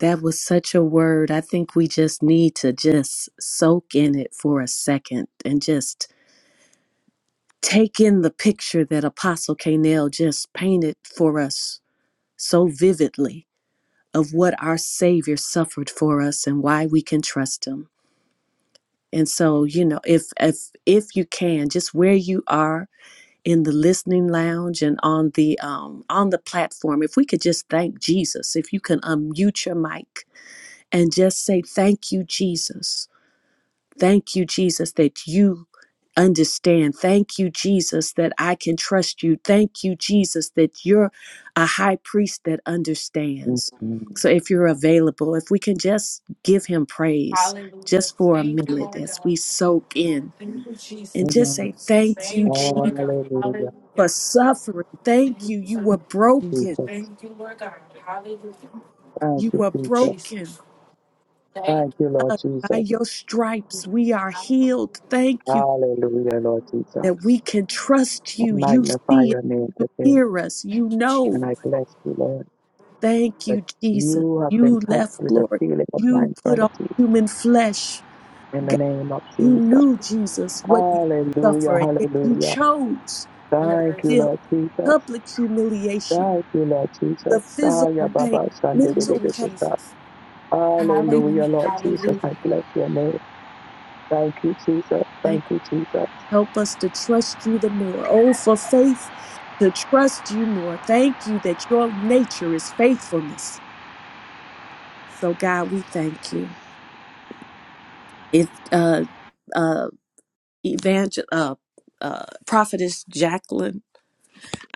S4: That was such a word. I think we just need to just soak in it for a second and just take in the picture that Apostle Canel just painted for us so vividly of what our Savior suffered for us and why we can trust Him. And so, you know, if if if you can, just where you are, in the listening lounge and on the um, on the platform if we could just thank jesus if you can unmute your mic and just say thank you jesus thank you jesus that you understand thank you jesus that i can trust you thank you jesus that you're a high priest that understands
S2: Mhm.
S4: so if you're available if we can just give him praise just for a minute as we soak in and just say
S2: amen.
S4: thank you
S2: Hallelujah.
S4: for suffering. Thank you. You were broken.
S5: Jesus.
S2: Jesus. Thank
S4: You
S2: you,
S4: were
S2: Jesus.
S4: broken.
S2: Thank you, Lord
S4: Uh, By
S2: Jesus.
S4: your stripes, we are healed. Thank you
S2: Hallelujah, Lord
S4: that we
S2: Jesus.
S4: can trust
S2: I
S4: you. You
S2: magnify
S4: see us.
S2: your name
S4: You
S2: today
S4: hear us. You know.
S2: and I bless you, Lord,
S4: Thank
S2: that
S4: you, Jesus.
S2: you have
S4: You
S2: been touched
S4: left
S2: with the
S4: glory.
S2: feeling of my
S4: You put on
S2: infirmity
S4: human flesh.
S2: in the
S4: God,
S2: name of
S4: you
S2: Jesus.
S4: knew, Jesus, what you would
S2: Hallelujah,
S4: suffer, yet you
S2: hallelujah.
S4: chose
S2: Thank you,
S4: still
S2: Lord Jesus.
S4: public humiliation,
S2: Thank you, Lord Jesus.
S4: the physical
S2: Daya
S4: pain,
S2: Baba Sunday.
S4: mental pain. Thank,
S2: Hallelujah, Lord Jesus. I bless your name. Thank you, Jesus.
S4: thank
S2: Thank you, Jesus.
S4: Help us to trust you the more. Oh, for faith to trust you more. Thank you that your nature is faithfulness. So, God, we thank you. If uh, uh, evangel uh, uh, prophetess Jacqueline,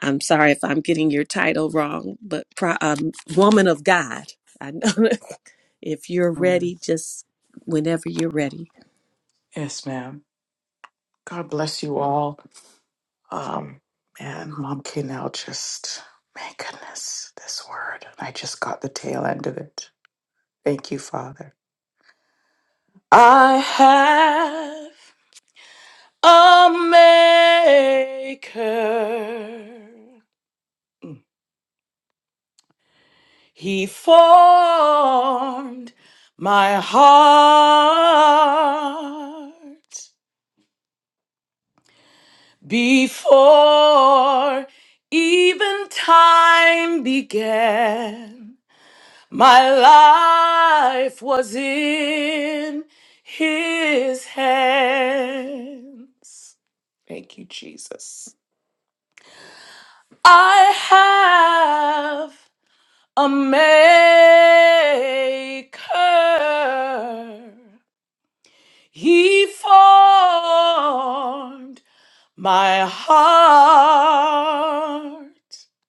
S4: I'm sorry if I'm getting your title wrong, but pro- um, woman of God, I know if you're
S3: Mm.
S4: ready, just whenever you're ready.
S3: Yes, ma'am. God bless you all. Um, man, Mom K now just, my goodness, this word. I just got the tail end of it. Thank you, Father. I have a maker. He formed my heart. Before even time began, my life was in his hands. Thank you, Jesus. I have a maker. He formed My heart,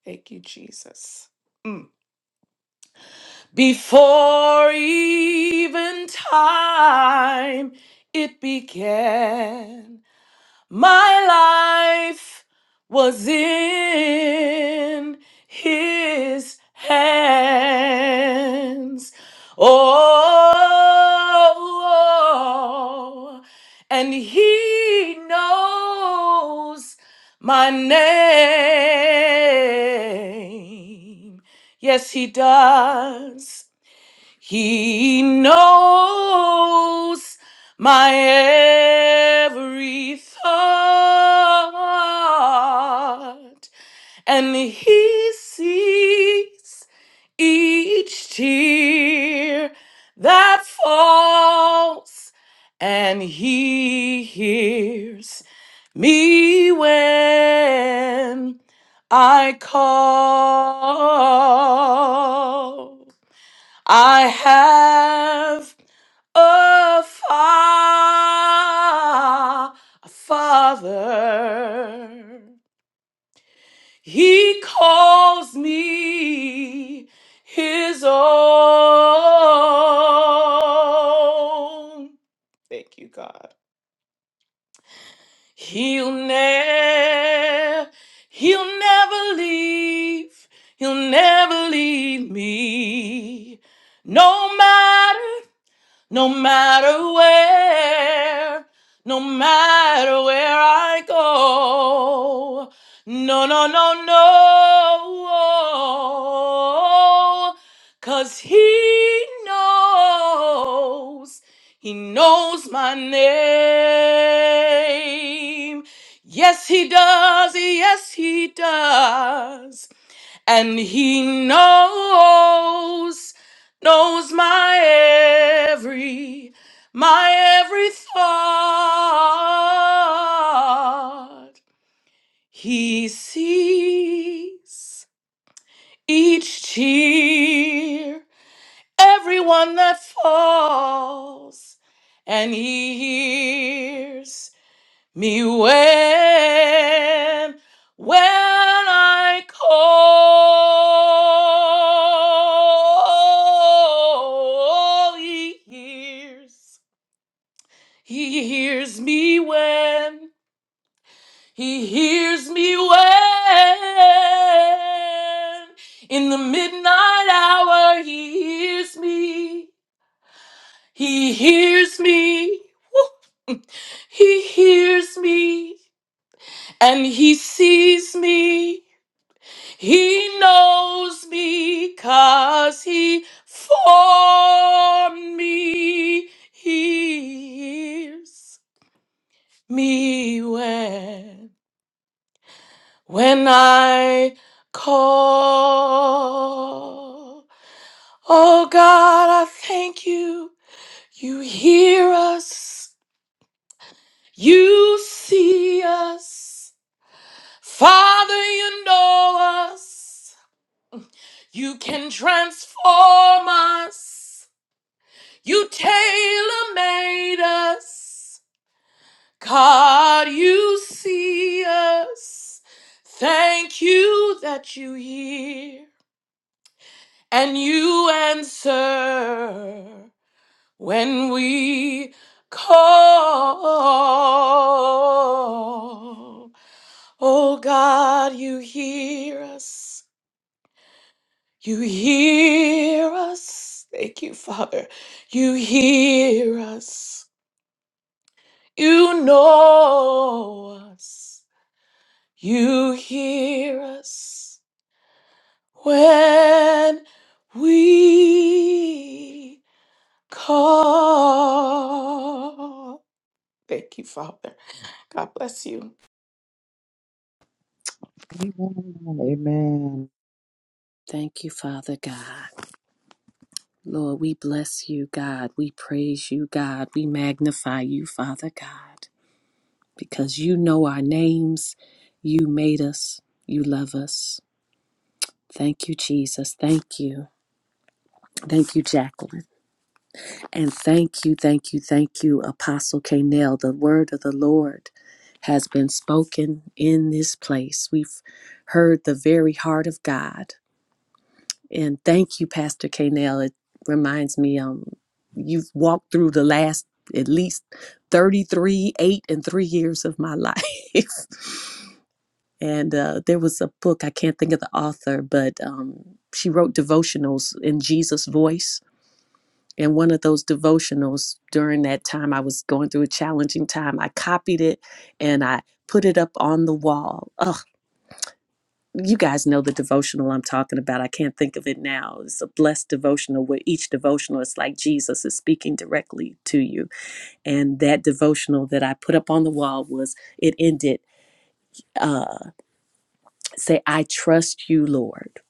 S3: thank you, Jesus. Mm. Before even time it began, my life was in his hands. Oh, and he knows my name. Yes, he does. He knows my every thought, and He sees each tear that falls, and He hears me when I call. I have a, fa- a father. He calls me his own. Thank you, God. He'll never, he'll never leave. He'll never leave me. No matter. No matter where, no matter where I go. No, no, no, no, 'cause he knows, he knows my name. Yes, he does. Yes, he does and he knows knows my every my every thought he sees each tear everyone that falls and he hears me when when I call he hears he hears me when he hears me when in the midnight hour he hears me he hears me Woo! he hears me and he sees me He knows me 'cause he formed me. He hears me when, when I call. Oh God, I thank you. You hear us. You see us. Father, you know us. You can transform us. You tailor made us. God, you see us. Thank you that you hear and you answer when we call. Oh God, you hear us. You hear us. Thank you, Father. You hear us. You know us. You hear us when we call. Thank you, Father. God bless you.
S2: Amen. Amen.
S4: Thank you, Father God. Lord, we bless you, God. We praise you, God. We magnify you, Father God, because you know our names. You made us. You love us. Thank you, Jesus. Thank you. Thank you, Jacqueline. And thank you, thank you, thank you, Apostle K. The word of the Lord has been spoken in this place. We've heard the very heart of God And thank you, Pastor Kanell. It reminds me, um, you've walked through the last at least 33, 8, and 3 years of my life. and uh, there was a book, I can't think of the author, but um, she wrote devotionals in Jesus' voice. And one of those devotionals during that time, I was going through a challenging time. I copied it and I put it up on the wall. Oh, you guys know the devotional I'm talking about. I can't think of it now. It's a blessed devotional where each devotional is like Jesus is speaking directly to you. And that devotional that I put up on the wall was it ended uh say I trust you, Lord.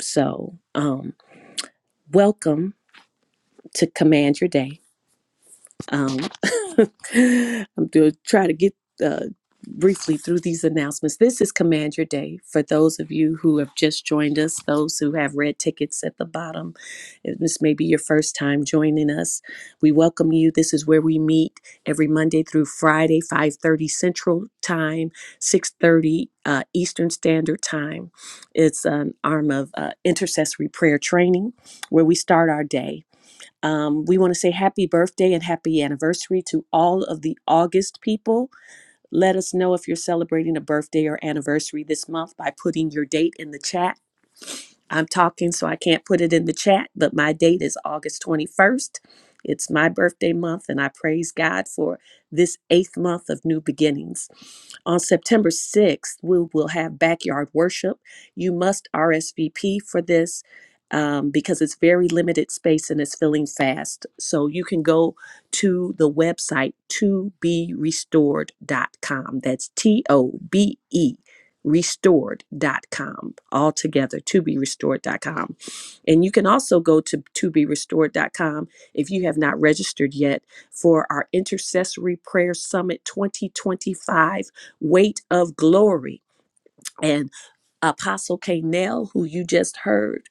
S4: So, um welcome to command your day Um, I'm going to try to get uh, briefly through these announcements. This is Command Your Day. For those of you who have just joined us, those who have red tickets at the bottom, if this may be your first time joining us. We welcome you. This is where we meet every Monday through Friday, 5:30 Central Time, 6:30 uh, Eastern Standard Time. It's an arm of uh, intercessory prayer training where we start our day um, we want to say happy birthday and happy anniversary to all of the August people. Let us know if you're celebrating a birthday or anniversary this month by putting your date in the chat I'm talking, so I can't put it in the chat, but my date is August 21st. It's my birthday month, and I praise God for this eighth month of new beginnings. On September 6th, we will have backyard worship. You must RSVP for this um, because it's very limited space and it's filling fast. So you can go to the website to be restored dot com. That's T O B E. Restored dot com all together to be restored dot com, and you can also go to to be restored dot com if you have not registered yet for our intercessory prayer summit 2025 weight of glory and apostle K. who you just heard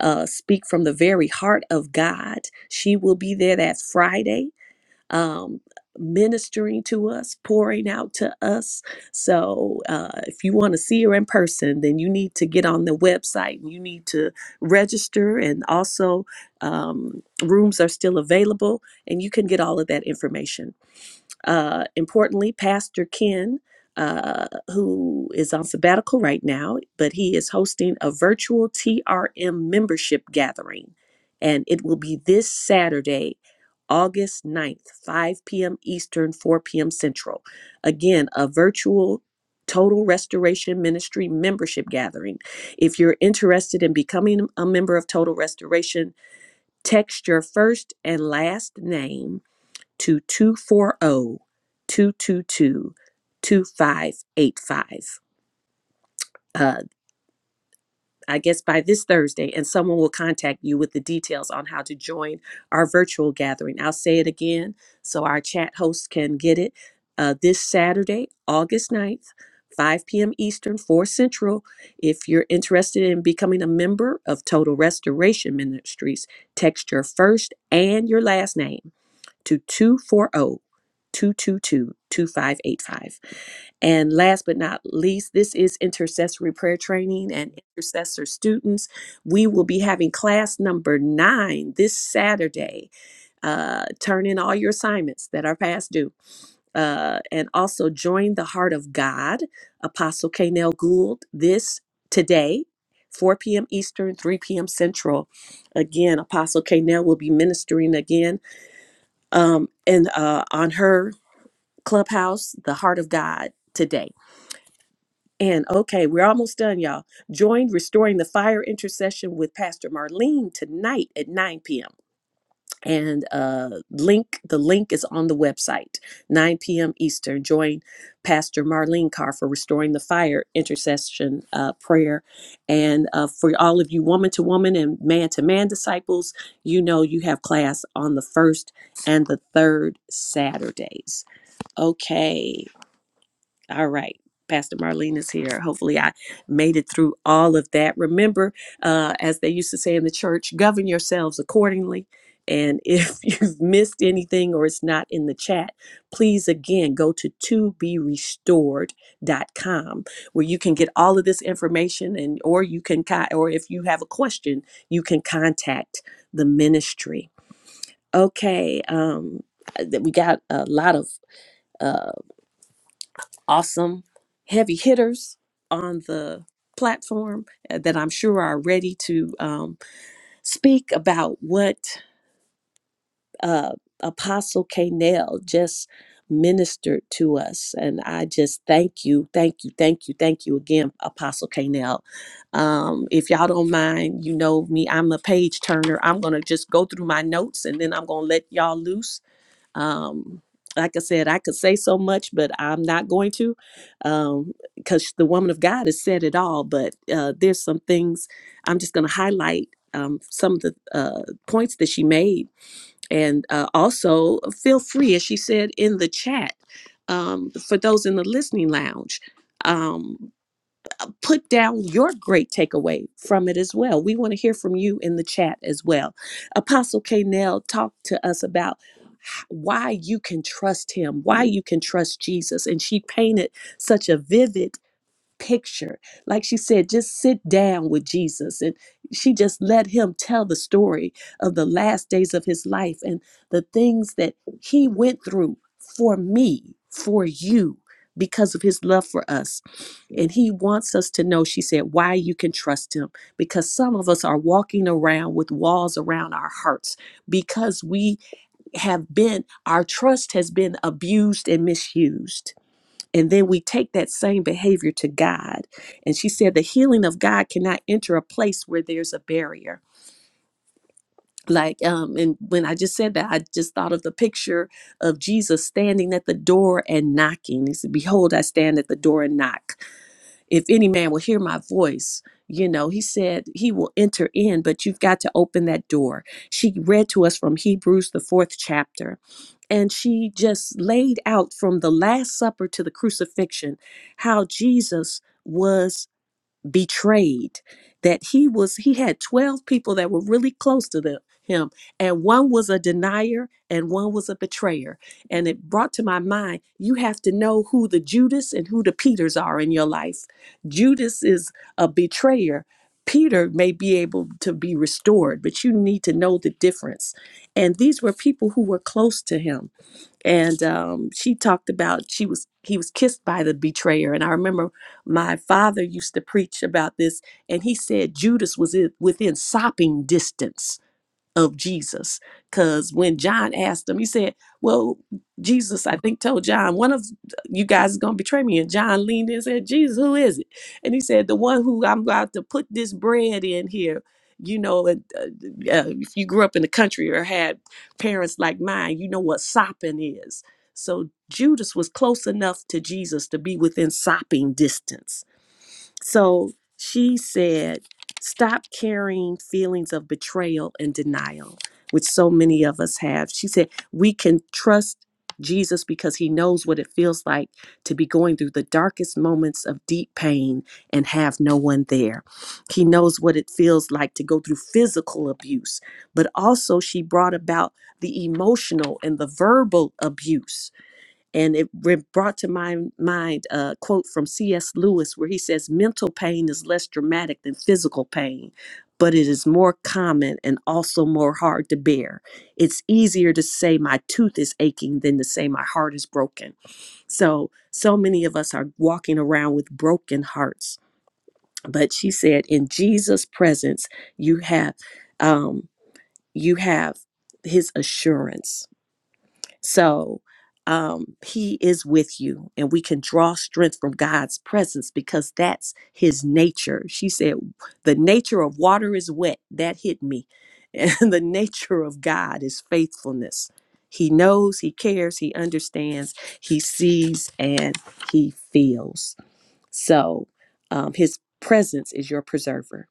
S4: uh, speak from the very heart of god she will be there that friday um, ministering to us, pouring out to us. So uh, if you want to see her in person, then you need to get on the website and you need to register. And also, um, rooms are still available, and you can get all of that information uh, importantly, Pastor Ken, uh, who is on sabbatical right now, but he is hosting a virtual TRM membership gathering. And it will be this Saturday, August ninth, 5 p.m. Eastern, 4 p.m. Central. Again, a virtual Total Restoration Ministry membership gathering. If you're interested in becoming a member of Total Restoration, text your first and last name to 240 Uh, I guess by this Thursday, and someone will contact you with the details on how to join our virtual gathering. I'll say it again so our chat hosts can get it. Uh, this Saturday, August ninth, 5 p.m. Eastern, 4 Central. If you're interested in becoming a member of Total Restoration Ministries, text your first and your last name to 240 222 2585, And last but not least, this is intercessory prayer training and intercessor students. We will be having class number nine this Saturday. Uh, turn in all your assignments that are past due. Uh, and also join the Heart of God, Apostle Kanel Gould, this today. 4 p.m. Eastern, 3 p.m. Central. Again, Apostle Kanel will be ministering again um, and uh, on her clubhouse, The Heart of God today. And okay, we're almost done, y'all. Join Restoring the Fire intercession with Pastor Marlene tonight at 9 p.m. And uh, link the link is on the website, 9 p.m. Eastern. Join Pastor Marlene Carr for Restoring the Fire intercession uh, prayer. And uh, for all of you woman to woman and man to man disciples, you know you have class on the first and the third Saturdays. Okay. All right. Pastor Marlene is here. Hopefully, I made it through all of that. Remember, uh, as they used to say in the church, govern yourselves accordingly. And if you've missed anything or it's not in the chat, please again go to to be restored dot com where you can get all of this information and or you can con- or if you have a question, you can contact the ministry. Okay, um, that we got a lot of. uh, awesome heavy hitters on the platform uh, that I'm sure are ready to um, speak about what uh, Apostle K. Nell just ministered to us. And I just thank you, thank you, thank you, thank you again, Apostle K. Nell. Um, if y'all don't mind, you know me, I'm a page turner. I'm going to just go through my notes and then I'm going to let y'all loose um like i said i could say so much but i'm not going to um because the woman of god has said it all but uh there's some things i'm just going to highlight um some of the uh points that she made and uh also feel free as she said in the chat um for those in the listening lounge um put down your great takeaway from it as well. We want to hear from you in the chat as well. Apostle K. Nell talked to us about why you can trust him, why you can trust Jesus. And she painted such a vivid picture. Like she said, just sit down with Jesus. And she just let him tell the story of the last days of his life and the things that he went through for me, for you, because of his love for us. And he wants us to know, she said, why you can trust him. Because some of us are walking around with walls around our hearts because we have been, our trust has been abused and misused and then we take that same behavior to God. And she said the healing of God cannot enter a place where there's a barrier. Like, um, and when I just said that, I just thought of the picture of Jesus standing at the door and knocking. He said, Behold, I stand at the door and knock if any man will hear my voice, you know, he said he will enter in, but you've got to open that door. She read to us from Hebrews, the fourth chapter, and she just laid out from the Last Supper to the crucifixion how Jesus was betrayed that he was he had 12 people that were really close to them, him and one was a denier and one was a betrayer and it brought to my mind you have to know who the judas and who the peters are in your life judas is a betrayer peter may be able to be restored but you need to know the difference and these were people who were close to him and um, she talked about she was he was kissed by the betrayer and i remember my father used to preach about this and he said judas was i- within sopping distance of Jesus. Because when John asked him, he said, Well, Jesus, I think, told John, one of you guys is going to betray me. And John leaned in and said, Jesus, who is it? And he said, The one who I'm about to put this bread in here. You know, and, uh, uh, if you grew up in the country or had parents like mine, you know what sopping is. So Judas was close enough to Jesus to be within sopping distance so she said, Stop carrying feelings of betrayal and denial, which so many of us have. She said, We can trust Jesus because he knows what it feels like to be going through the darkest moments of deep pain and have no one there. He knows what it feels like to go through physical abuse, but also she brought about the emotional and the verbal abuse and it re- brought to my mind a quote from C.S. Lewis where he says, Mental pain is less dramatic than physical pain, but it is more common and also more hard to bear. It's easier to say my tooth is aching than to say my heart is broken. So, so many of us are walking around with broken hearts. But she said, In Jesus' presence, you have, um, you have his assurance so um, he is with you, and we can draw strength from God's presence because that's his nature. She said, The nature of water is wet. That hit me. And the nature of God is faithfulness. He knows, he cares, he understands, he sees, and he feels. So um, his presence is your preserver.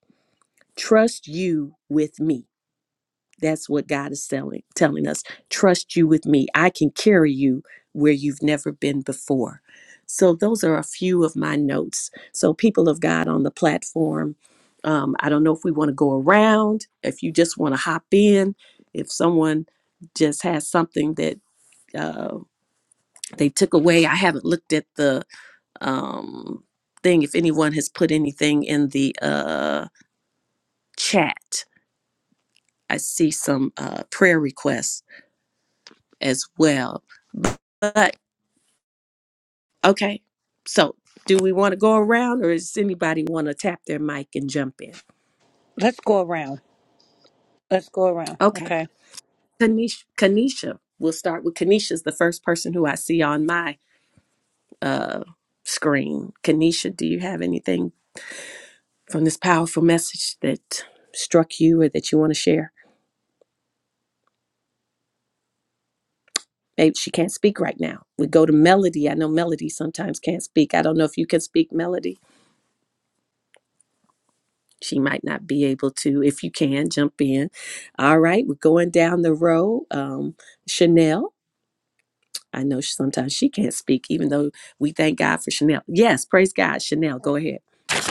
S4: Trust you with me that's what God is telling telling us. Trust you with me. I can carry you where you've never been before. So those are a few of my notes. So people of God on the platform, um, I don't know if we want to go around. If you just want to hop in, if someone just has something that uh, they took away, I haven't looked at the um, thing. If anyone has put anything in the uh, chat, I see some uh, prayer requests as well. But okay, so do we want to go around, or does anybody want to tap their mic and jump in?
S1: Let's go around. Let's go around.
S4: Okay,
S1: Okay.
S4: Kanisha, Kanisha, we'll start with Kanisha's the first person who I see on my uh, screen. Kanisha, do you have anything from this powerful message that struck you or that you want to share? Maybe she can't speak right now. We go to Melody. I know Melody sometimes can't speak. I don't know if you can speak, Melody. she might not be able to if you can jump in all right we're going down the road um chanel i know she- sometimes she can't speak even though we thank god for chanel yes praise god chanel go ahead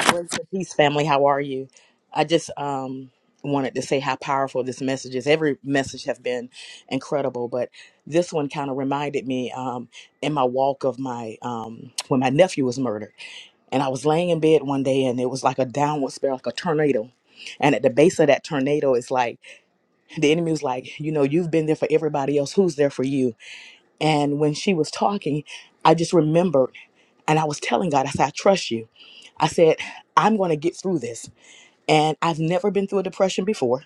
S6: Grace and peace, family. How are you? I just um, wanted to say how powerful this message is. Every message have been incredible, but this one kind of reminded me um, in my walk of my um, when my nephew was murdered, and I was laying in bed one day, and it was like a downward spiral, like a tornado. And at the base of that tornado, it's like the enemy was like, you know, you've been there for everybody else. Who's there for you? And when she was talking, I just remembered. And I was telling God, I said, I trust you. I said, I'm going to get through this. And I've never been through a depression before.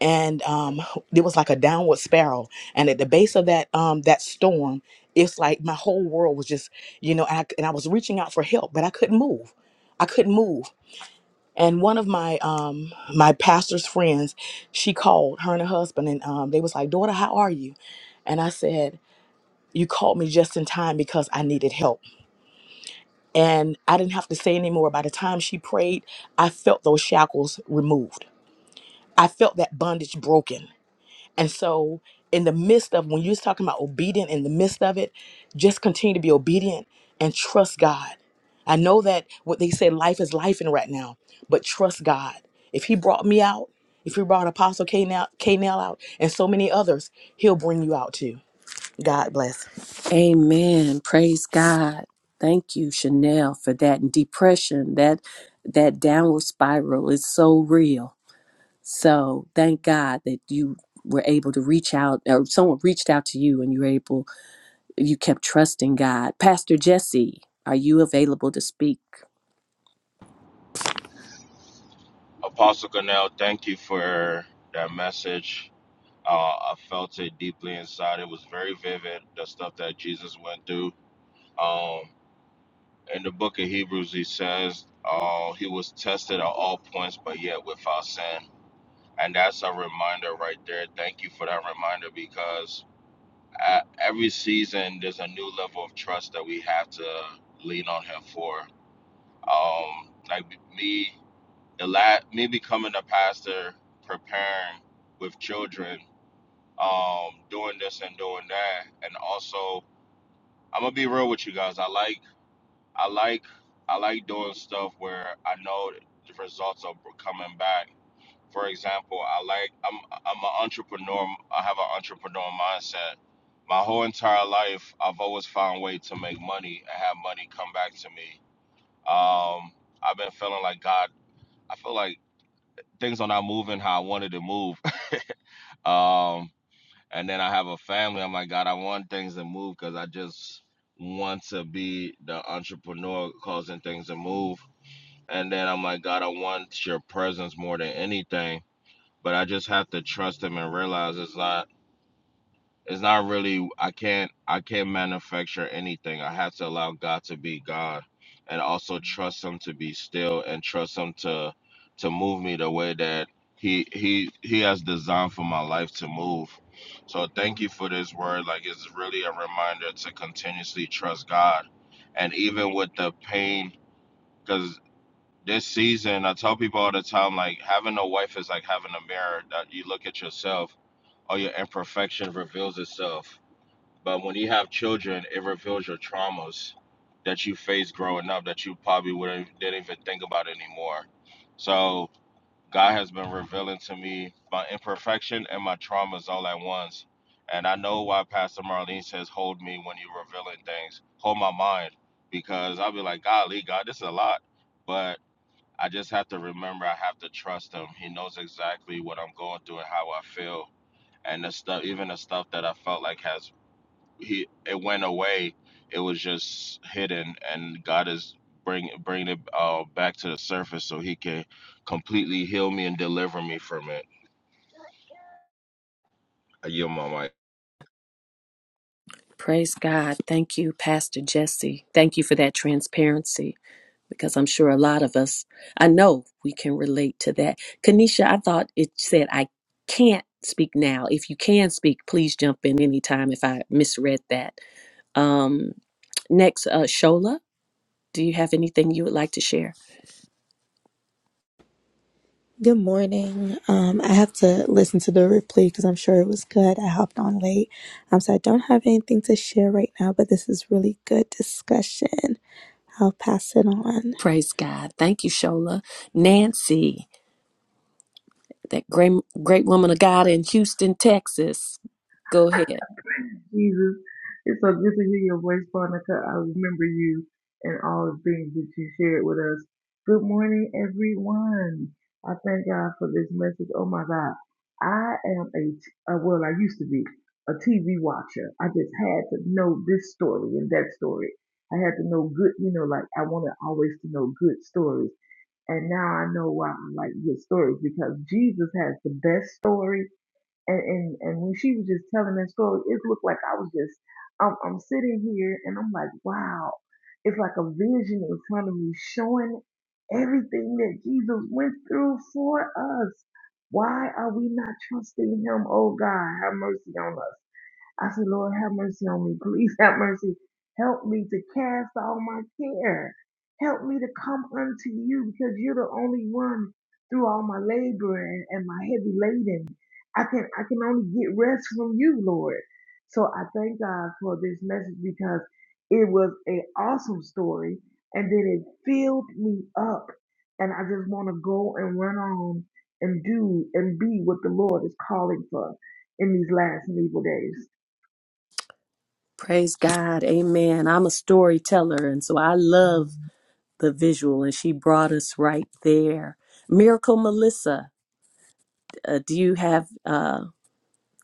S6: And um, it was like a downward spiral. And at the base of that um, that storm, it's like my whole world was just, you know, and I, and I was reaching out for help, but I couldn't move. I couldn't move. And one of my um, my pastor's friends, she called her and her husband, and um, they was like, "Daughter, how are you?" And I said, "You called me just in time because I needed help." and I didn't have to say anymore. By the time she prayed, I felt those shackles removed. I felt that bondage broken. And so, in the midst of when you was talking about obedient, in the midst of it, just continue to be obedient and trust God. I know that what they say, life is life in right now, but trust God. If He brought me out, if He brought Apostle K Nell out, and so many others, He'll bring you out too. God bless.
S4: amen praise god thank you chanel for that and depression that that downward spiral is so real so thank god that you were able to reach out or someone reached out to you and you were able You kept trusting God. Pastor Jesse, are you available to speak?
S7: Apostle Cornell, thank you for that message. Uh, I felt it deeply inside. It was very vivid, the stuff that Jesus went through. Um, in the book of Hebrews, he says, uh, He was tested at all points, but yet without sin. And that's a reminder right there. Thank you for that reminder because at every season, there's a new level of trust that we have to lean on Him for. Um, like me the la me becoming a pastor, preparing with children, um, doing this and doing that, and also I'm gonna be real with you guys. I like, I like, I like doing stuff where I know the results are coming back. For example, I like I'm I'm an entrepreneur. I have an entrepreneur mindset. My whole entire life, I've always found a way to make money and have money come back to me. Um, I've been feeling like God. I feel like things are not moving how I wanted to move. Um, and then I have a family. I'm like, God, I want things to move because I just want to be the entrepreneur causing things to move. And then I'm like, God, I want your presence more than anything. But I just have to trust him and realize it's not it's not really I can't I can't manufacture anything. I have to allow God to be God and also trust him to be still and trust him to to move me the way that he he he has designed for my life to move. So thank you for this word. Like it's really a reminder to continuously trust God. And even with the pain, because this season I tell people all the time, like having a wife is like having a mirror that you look at yourself all your imperfection reveals itself. But when you have children, it reveals your traumas that you faced growing up that you probably would not didn't even think about anymore. So God has been revealing to me my imperfection and my traumas all at once. And I know why Pastor Marlene says, Hold me when you're revealing things. Hold my mind. Because I'll be like, Golly, God, this is a lot. But I just have to remember I have to trust him. He knows exactly what I'm going through and how I feel. And the stuff even the stuff that I felt like has he it went away. It was just hidden, and God is bring bringing it uh, back to the surface so He can completely heal me and deliver me from it. I yield my mic.
S4: Praise God. Thank you, Pastor Jesse. Thank you for that transparency because I'm sure a lot of us, I know we can relate to that. Kanisha, I thought it said, I can't speak now. If you can speak, please jump in anytime if I misread that. Um, next, uh, Shola, do you have anything you would like to share?
S8: Good morning. Um, I have to listen to the replay because I'm sure it was good. I hopped on late. Um, so I don't have anything to share right now, but this is really good discussion. I'll pass it on.
S4: Praise God. Thank you, Shola. Nancy. that great great woman of God in Houston, Texas. Go ahead.
S9: Jesus, it's so good to hear your voice, Monica. I remember you and all the things that you shared with us. Good morning, everyone. I thank God for this message. Oh my God, I am a t- uh, well, I used to be a TV watcher. I just had to know this story and that story. I had to know good, you know, like I wanted always to know good stories. And now I know why I like good stories because Jesus has the best story and and and when she was just telling that story, it looked like I was just I'm I'm sitting here and I'm like, wow, it's like a vision in front of me showing everything that Jesus went through for us. Why are we not trusting Him? Oh God, have mercy on us. I said, Lord, have mercy on me. Please have mercy. Help me to cast all my care. Help me to come unto you because you're the only one through all my labor and, and my heavy laden. I can I can only get rest from you, Lord. So I thank God for this message because it was an awesome story and then it filled me up. And I just want to go and run on and do and be what the Lord is calling for in these last and evil days.
S4: Praise God. Amen. I'm a storyteller, and so I love the visual, and she brought us right there. Miracle Melissa, uh, do you have uh,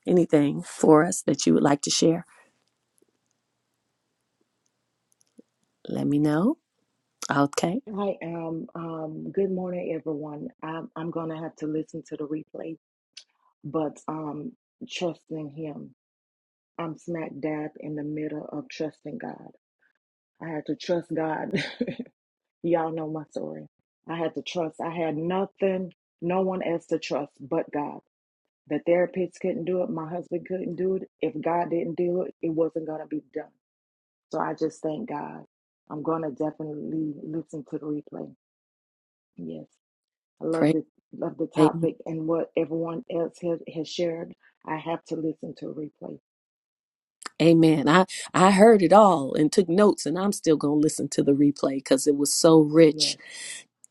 S4: anything for us that you would like to share? Let me know. Okay.
S5: I am. Um, good morning, everyone. I'm, I'm gonna have to listen to the replay, but um, trusting Him. I'm smack dab in the middle of trusting God. I had to trust God. Y'all know my story. I had to trust. I had nothing, no one else to trust but God. The therapists couldn't do it. My husband couldn't do it. If God didn't do it, it wasn't gonna be done. So I just thank God. I'm gonna definitely listen to the replay. Yes. I love
S4: Praise
S5: the love the
S4: am-
S5: topic and what everyone else has, has shared. I have to listen to a replay.
S4: Amen. I I heard it all and took notes, and I'm still gonna listen to the replay because it was so rich.
S5: Yes.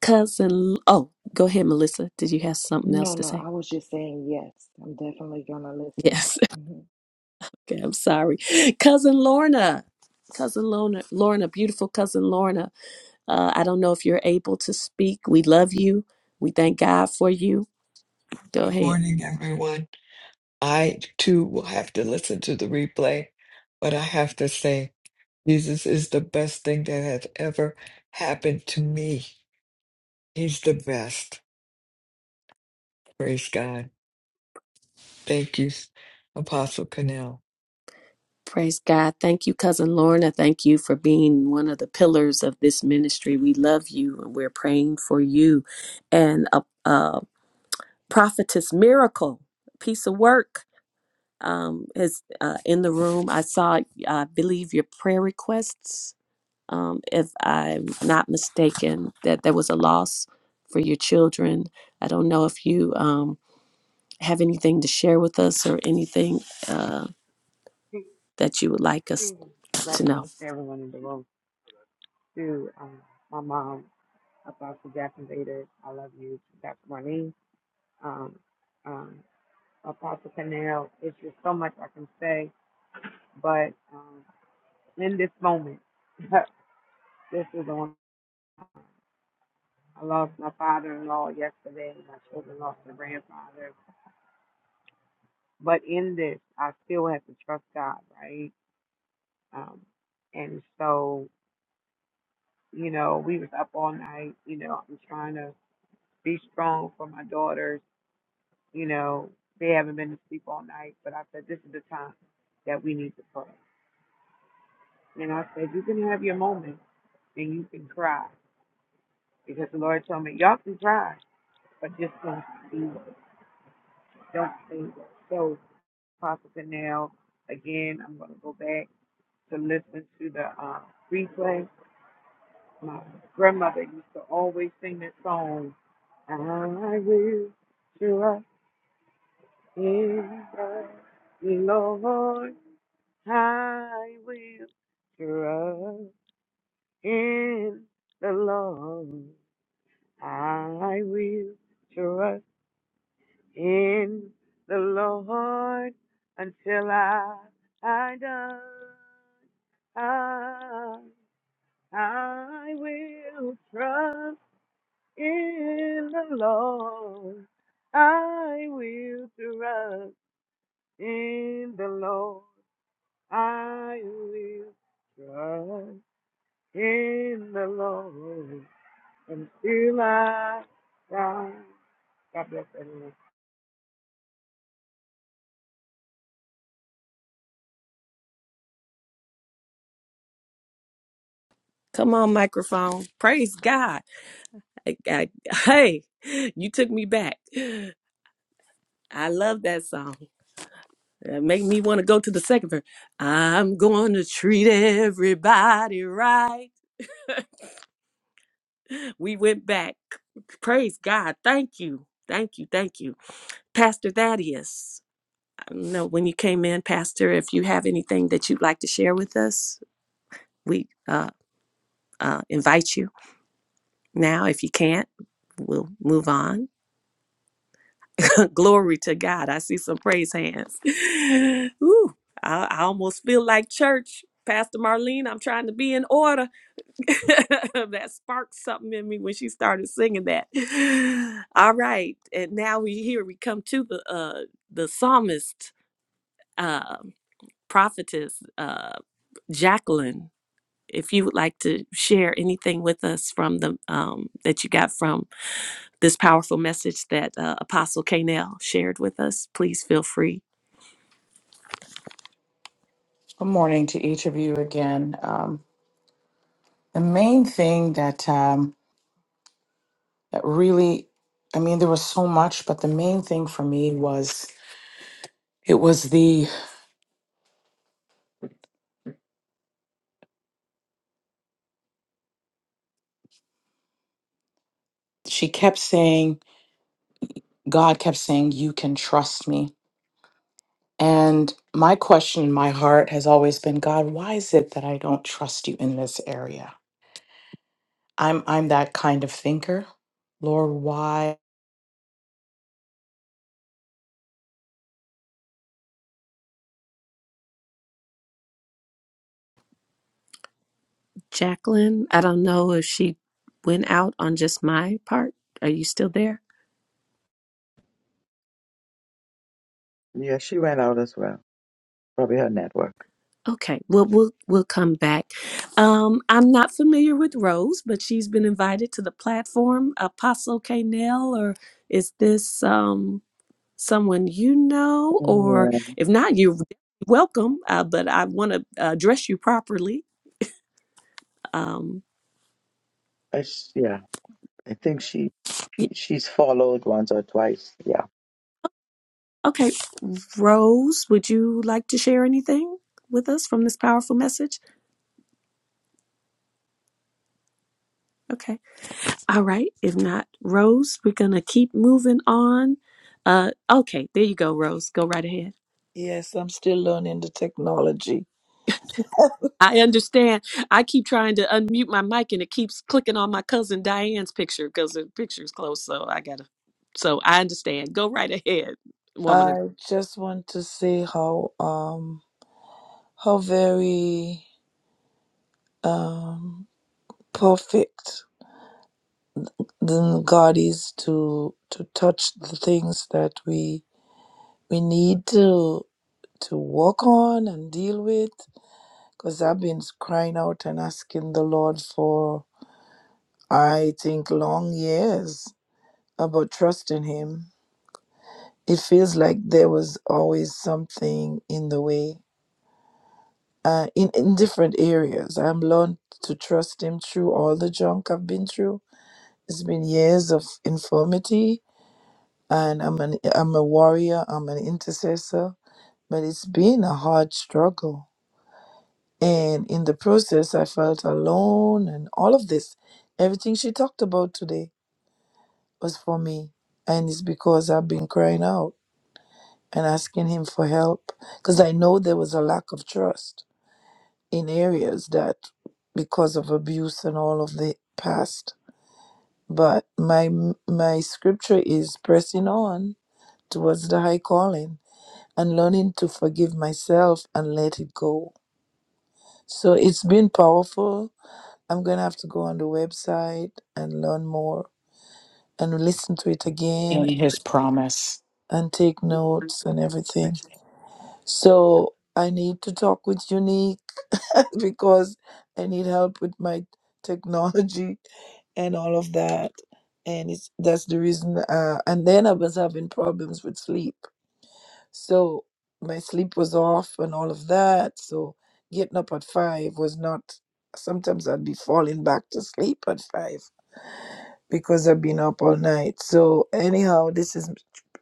S4: Cousin, oh, go ahead, Melissa. Did you have something else
S5: No,
S4: to
S5: no.
S4: say?
S5: I was just saying yes. I'm definitely gonna listen.
S4: Yes.
S5: Mm-hmm.
S4: Okay, I'm sorry. Cousin Lorna. Cousin Lorna, Lorna, beautiful cousin Lorna. Uh, I don't know if you're able to speak. We love you. We thank God for you. Go
S10: Good
S4: ahead.
S10: morning, everyone. I too will have to listen to the replay, but I have to say, Jesus is the best thing that has ever happened to me. He's the best. Praise God. Thank you, Apostle Connell.
S4: Praise God. Thank you, cousin Lorna. Thank you for being one of the pillars of this ministry. We love you and we're praying for you. And a, a prophetess miracle, piece of work um, is uh, in the room. I saw, I believe, your prayer requests um, if I'm not mistaken, that there was a loss for your children. I don't know if you um, have anything to share with us or anything uh,
S11: Peace,
S4: that you would like us
S11: kingdom.
S4: to know.
S11: Blessings to everyone in the room. To um, my mom, Apostle Jackson Vader, I love you. To Dr. Marlene, um, um, Apostle Canal, it's just so much I can say. But um, in this moment, this is on. I lost my father-in-law yesterday. My children lost their grandfather. But in this, I still have to trust God, right? Um, and so, you know, we was up all night. You know, I'm trying to be strong for my daughters. You know, they haven't been to sleep all night, but I said, this is the time that we need to pray. And I said, you can have your moment and you can cry because the Lord told me, y'all can cry, but just don't see it. Don't see it. So, Apostle Canal, again, I'm going to go back to listen to the uh, replay. My grandmother used to always sing this song, I will trust in the Lord. I will trust in the Lord. I will trust in the Lord until I I die. I, I will trust in the Lord. I will trust in the Lord. I will trust in the Lord until I die. God bless everyone.
S4: Come on, microphone. Praise God. I, I, hey, you took me back. I love that song. It made me want to go to the second verse. I'm going to treat everybody right. We went back. Praise God. Thank you. Thank you. Thank you. Pastor Thaddeus, I don't know when you came in, Pastor, if you have anything that you'd like to share with us, we uh, uh, invite you now. If you can't, we'll move on. Glory to God. I see some praise hands. Ooh, I, I almost feel like church. Pastor Marlene, I'm trying to be in order. that sparked something in me when she started singing that. All right, and now we here we come to the uh the psalmist. um, prophetess uh, Jacqueline, if you would like to share anything with us from the um, that you got from this powerful message that uh, Apostle Canel shared with us, please feel free.
S3: Good morning to each of you again. Um, the main thing that um, that really, I mean, there was so much, but the main thing for me was it was the she kept saying, God kept saying, "You can trust me." And my question in my heart has always been, God, why is it that I don't trust you in this area? I'm I'm that kind of thinker. Lord, why
S4: Jacqueline, I don't know if she went out on just my part. Are you still there?
S2: Yeah, she went out as well. Probably her network.
S4: Okay, well we'll we'll come back. Um, I'm not familiar with Rose, but she's been invited to the platform. Apostle Canel, or is this um? someone you know, or if not, you're welcome. Uh, but I want to address you properly. Um,
S2: I s yeah, I think she
S4: y-
S2: she- she's followed once or twice. Yeah.
S4: okay, Rose, would you like to share anything with us from this powerful message? Okay, all right. If not, Rose, we're gonna keep moving on. Uh, okay, there you go, Rose. Go right ahead.
S12: Yes, I'm still learning the technology.
S4: I understand. I keep trying to unmute my mic and it keeps clicking on my cousin Diane's picture because the picture's close. So I gotta. So I understand. Go right ahead, woman of
S12: I just want to say how um how very um perfect the God is to to touch the things that we we need to to work on and deal with because I've been crying out and asking the Lord for I think long years about trusting him. It feels like there was always something in the way uh, in, in different areas. I'm learned to trust him through all the junk I've been through. It's been years of infirmity, and I'm an I'm a warrior. I'm an intercessor, but it's been a hard struggle. And in the process, I felt alone, and all of this, everything she talked about today was for me, and it's because I've been crying out and asking him for help because I know there was a lack of trust in areas that because of abuse and all of the past but my my scripture is pressing on towards the high calling and learning to forgive myself and let it go so it's been powerful i'm going to have to go on the website and learn more and listen to it again
S3: in his promise?
S12: and take notes and everything so i need to talk with unique because I need help with my technology and all of that. And it's that's the reason. Uh, and then I was having problems with sleep, so my sleep was off and all of that. So getting up at five was not. Sometimes I'd be falling back to sleep at five because I've been up all night. So anyhow, this is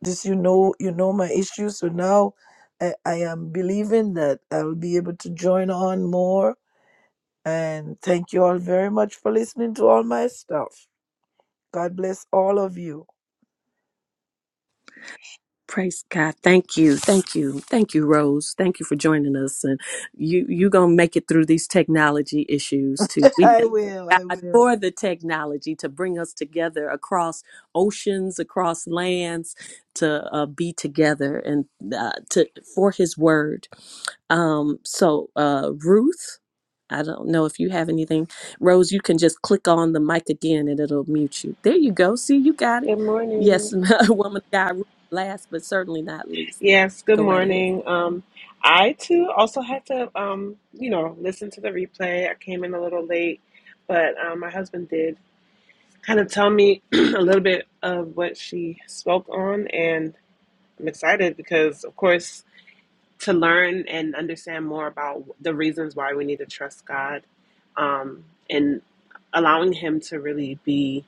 S12: this. You know, you know my issue. So now. I, I am believing that I'll be able to join on more and thank you all very much for listening to all my stuff. God bless all of you.
S4: Praise God. Thank you. Thank you. Thank you, Rose. Thank you for joining us. And you you gonna make it through these technology issues too. We
S12: I
S4: thank
S12: will. I
S4: God
S12: will.
S4: for the technology to bring us together across oceans, across lands, to uh, be together and uh, to for His word. Um, so uh, Ruth, I don't know if you have anything. Rose, you can just click on the mic again and it'll mute you. There you go. See, you got it.
S13: Good morning.
S4: Yes, woman of God. Last but certainly not least,
S13: Yes, good
S4: go right ahead.
S13: morning. Um, I too also had to, um, you know, listen to the replay. I came in a little late, but um, my husband did kind of tell me a little bit of what she spoke on, and I'm excited because, of course, to learn and understand more about the reasons why we need to trust God, um, and allowing Him to really be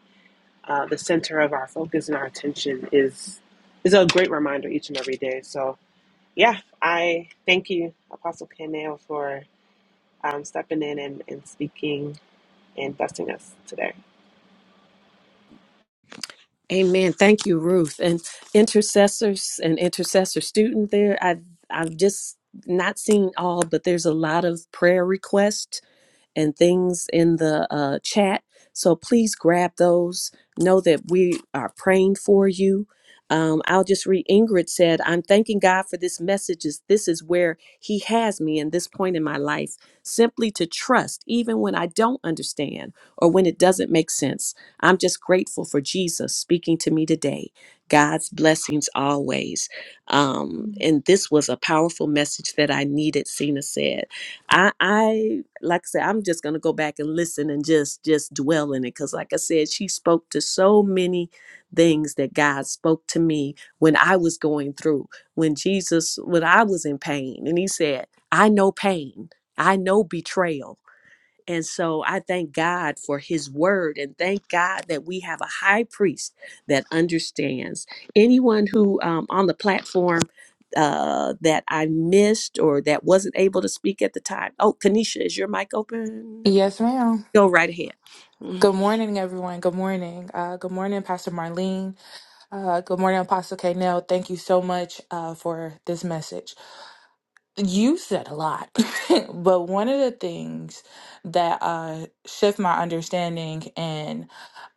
S13: uh, the center of our focus and our attention is is a great reminder each and every day. So yeah, I thank you, Apostle Canel, for um, stepping in and, and speaking and blessing us today.
S4: Amen. Thank you, Ruth. And intercessors and intercessor student there. I've I've just not seen all, but there's a lot of prayer requests and things in the uh, chat. So please grab those. Know that we are praying for you. Um, I'll just read Ingrid said, I'm thanking God for this message. Is This is where He has me in this point in my life, simply to trust, even when I don't understand or when it doesn't make sense. I'm just grateful for Jesus speaking to me today. God's blessings always. Um, and this was a powerful message that I needed, Cena said. I, I like I said, I'm just gonna go back and listen and just just dwell in it because, like I said, she spoke to so many things that God spoke to me when I was going through, when Jesus, when I was in pain, and He said, "I know pain, I know betrayal." And so I thank God for his word and thank God that we have a high priest that understands. Anyone who um, on the platform uh, that I missed or that wasn't able to speak at the time. Oh, Kanisha, is your mic open?
S14: Yes, ma'am.
S4: Go right ahead. Mm.
S14: Good morning, everyone. Good morning. Uh, good morning, Pastor Marlene. Uh, good morning, Apostle K. Nell. Thank you so much uh, for this message. You said a lot, but one of the things that uh, shift my understanding and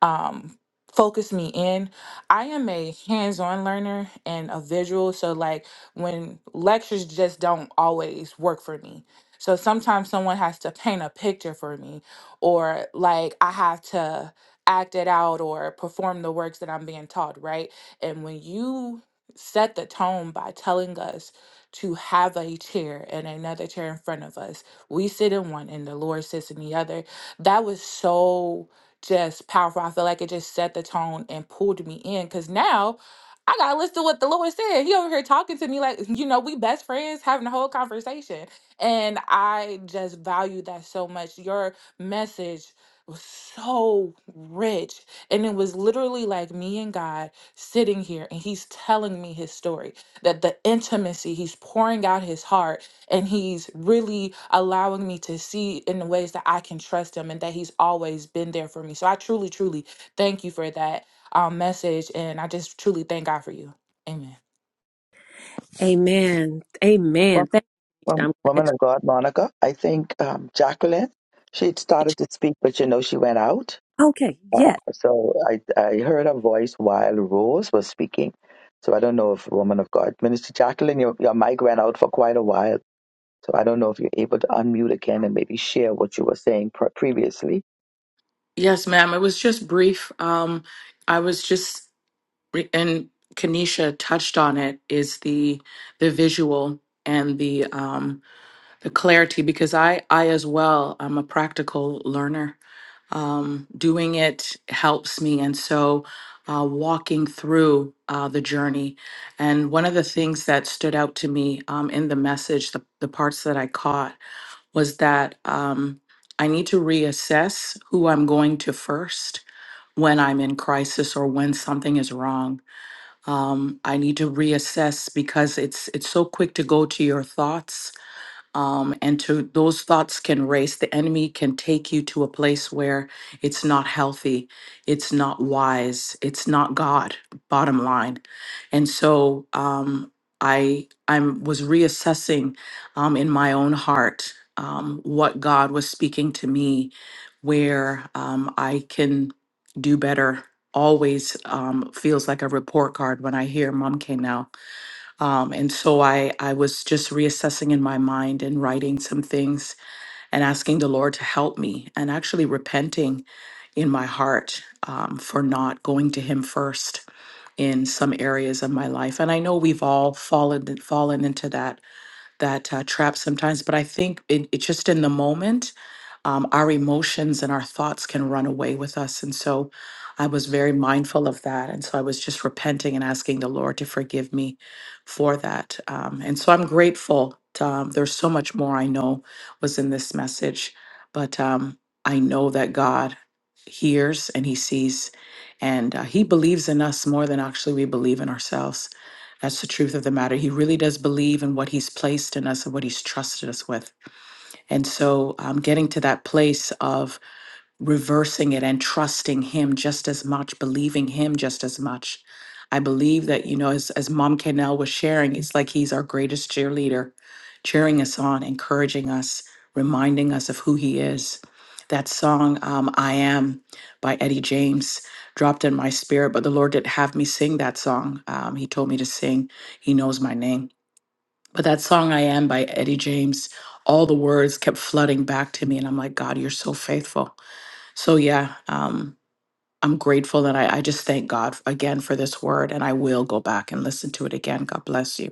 S14: um, focus me in, I am a hands-on learner and a visual. So like when lectures just don't always work for me. So sometimes someone has to paint a picture for me, or like I have to act it out or perform the works that I'm being taught, right? And when you set the tone by telling us to have a chair and another chair in front of us. We sit in one and the Lord sits in the other. That was so just powerful. I feel like it just set the tone and pulled me in because now I gotta listen to what the Lord said. He over here talking to me like, you know, we best friends having a whole conversation. And I just value that so much. Your message was so rich. And it was literally like me and God sitting here and he's telling me his story that the intimacy, he's pouring out his heart and he's really allowing me to see in the ways that I can trust him and that he's always been there for me. So I truly, truly thank you for that um, message. And I just truly thank God for you. Amen.
S4: Amen.
S2: Well,
S4: Amen. Thank you. Kanisha. I'm
S2: um,
S4: glad
S2: woman of God, Monica. I think um, Jacqueline. She had started
S4: you.
S2: to speak, but you know she went out.
S4: Okay. Yes.
S2: Uh, so I I heard her voice while Rose was speaking. So I don't know if woman of God, Minister Jacqueline, your your mic went out for quite a while. So I don't know if you're able to unmute again and maybe share what you were saying pre- previously.
S3: Yes, ma'am. It was just brief. Um, I was just re- and Kanisha touched on it is the the visual and the um the clarity because I I as well I'm a practical learner um, doing it helps me. And so, uh, walking through uh, the journey. And one of the things that stood out to me um, in the message, the, the parts that I caught, was that um, I need to reassess who I'm going to first when I'm in crisis or when something is wrong. Um, I need to reassess because it's it's so quick to go to your thoughts um, and to those thoughts can race the enemy can take you to a place where it's not healthy it's not wise it's not god bottom line and so um, i i'm was reassessing um, in my own heart um, what god was speaking to me where um, i can do better always um, feels like a report card when i hear mom came um, and so I, I was just reassessing in my mind and writing some things and asking the Lord to help me and actually repenting in my heart um, for not going to Him first in some areas of my life. And I know we've all fallen fallen into that that uh, trap sometimes. But I think it, it just in the moment, um, our emotions and our thoughts can run away with us. And so I was very mindful of that. And so I was just repenting and asking the Lord to forgive me for that. Um, and so I'm grateful. To, Um, there's so much more I know was in this message, but um, I know that God hears and He sees, and uh, He believes in us more than actually we believe in ourselves. That's the truth of the matter. He really does believe in what he's placed in us and what he's trusted us with. And so, um, getting to that place of reversing it and trusting him just as much, believing him just as much. I believe that, you know, as, as Mom Cannell was sharing, it's like he's our greatest cheerleader, cheering us on, encouraging us, reminding us of who he is. That song, um, I Am by Eddie James, dropped in my spirit, but the Lord did have me sing that song. Um, he told me to sing, He Knows My Name. But that song, I Am by Eddie James, all the words kept flooding back to me. And I'm like, God, you're so faithful so yeah, um, I'm grateful that I, I just thank God again for this word, and I will go back and listen to it again. God bless you.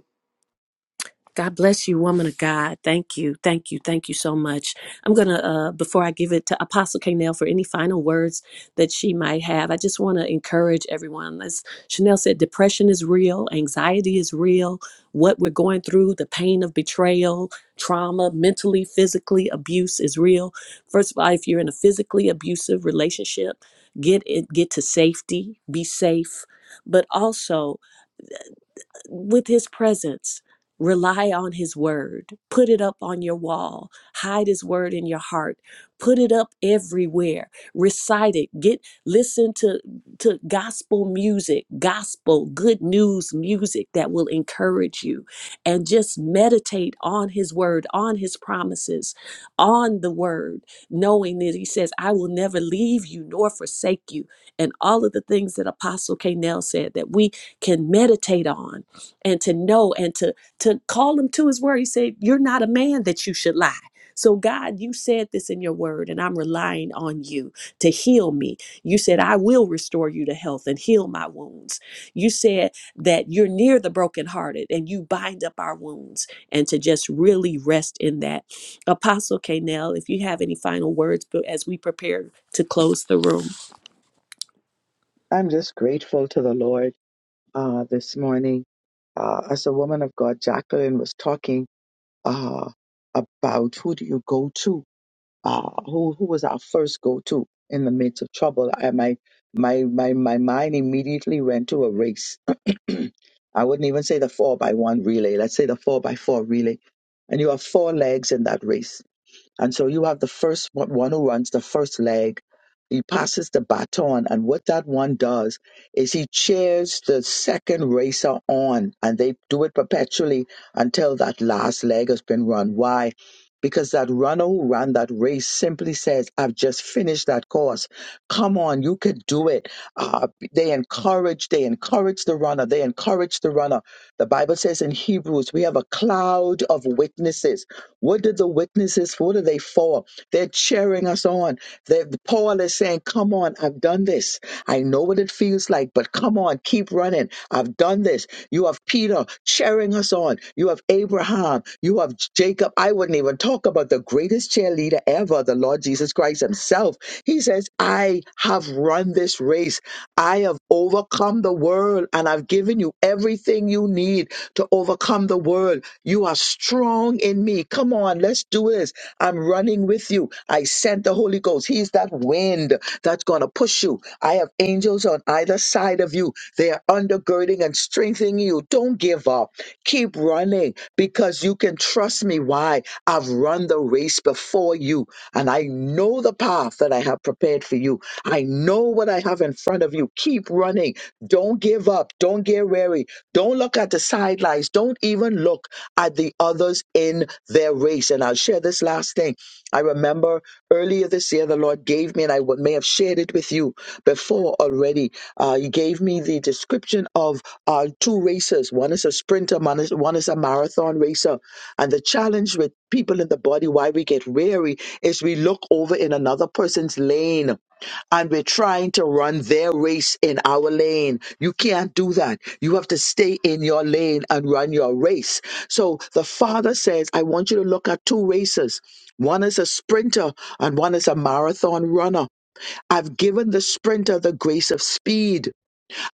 S4: God bless you, woman of God. Thank you. Thank you. Thank you so much. I'm going to, uh, before I give it to Apostle Kanell for any final words that she might have, I just want to encourage everyone. As Chanel said, depression is real, anxiety is real. What we're going through, the pain of betrayal, trauma, mentally, physically, abuse is real. First of all, if you're in a physically abusive relationship, get it, get to safety, be safe. But also, with his presence. Rely on his word. Put it up on your wall. Hide his word in your heart. Put it up everywhere. Recite it. Get listen to to gospel music, gospel good news music that will encourage you and just meditate on his word, on his promises, on the word, knowing that he says, "I will never leave you nor forsake you." And all of the things that Apostle K. Nell said that we can meditate on and to know and to to call him to his word. He said, "You're not a man that you should lie." So God, you said this in your word, and I'm relying on you to heal me. You said, "I will restore you to health and heal my wounds." You said that you're near the brokenhearted and you bind up our wounds, and to just really rest in that. Apostle Canel, if you have any final words, but as we prepare to close the room,
S2: I'm just grateful to the Lord uh, this morning uh, as a woman of God, Jacqueline was talking uh, about who do you go to? Uh, who who was our first go to in the midst of trouble? I, my my my my mind immediately went to a race. I wouldn't even say the four by one relay. Let's say the four by four relay, and you have four legs in that race and so you have the first one one who runs the first leg. He passes the baton, and what that one does is he cheers the second racer on, and they do it perpetually until that last leg has been run. Why? Because that runner who ran that race simply says, I've just finished that course. Come on, you can do it. Uh, they encourage, they encourage the runner, they encourage the runner. The Bible says in Hebrews, we have a cloud of witnesses what did the witnesses, what are they for? They're cheering us on. they Paul is saying, Come on, I've done this. I know what it feels like, but come on, keep running. I've done this. You have Peter cheering us on. You have Abraham. You have Jacob. I wouldn't even talk about the greatest cheerleader ever, the Lord Jesus Christ himself. He says, I have run this race. I have overcome the world, and I've given you everything you need to overcome the world. You are strong in me. Come on, let's do this. I'm running with you. I sent the Holy Ghost. He's that wind that's going to push you. I have angels on either side of you. They are undergirding and strengthening you. Don't give up. Keep running because you can trust me. Why? I've run the race before you and I know the path that I have prepared for you. I know what I have in front of you. Keep running. Don't give up. Don't get weary. Don't look at the sidelines. Don't even look at the others in their race. And I'll share this last thing. I remember earlier this year, the Lord gave me, and I would- may have shared it with you before already. Uh, he gave me the description of uh, two racers. One is a sprinter, one is, one is a marathon racer. And the challenge with people in the body, why we get weary, is we look over in another person's lane and we're trying to run their race in our lane. You can't do that. You have to stay in your lane and run your race. So the father says, I want you to look at two races. One is a sprinter and one is a marathon runner. I've given the sprinter the grace of speed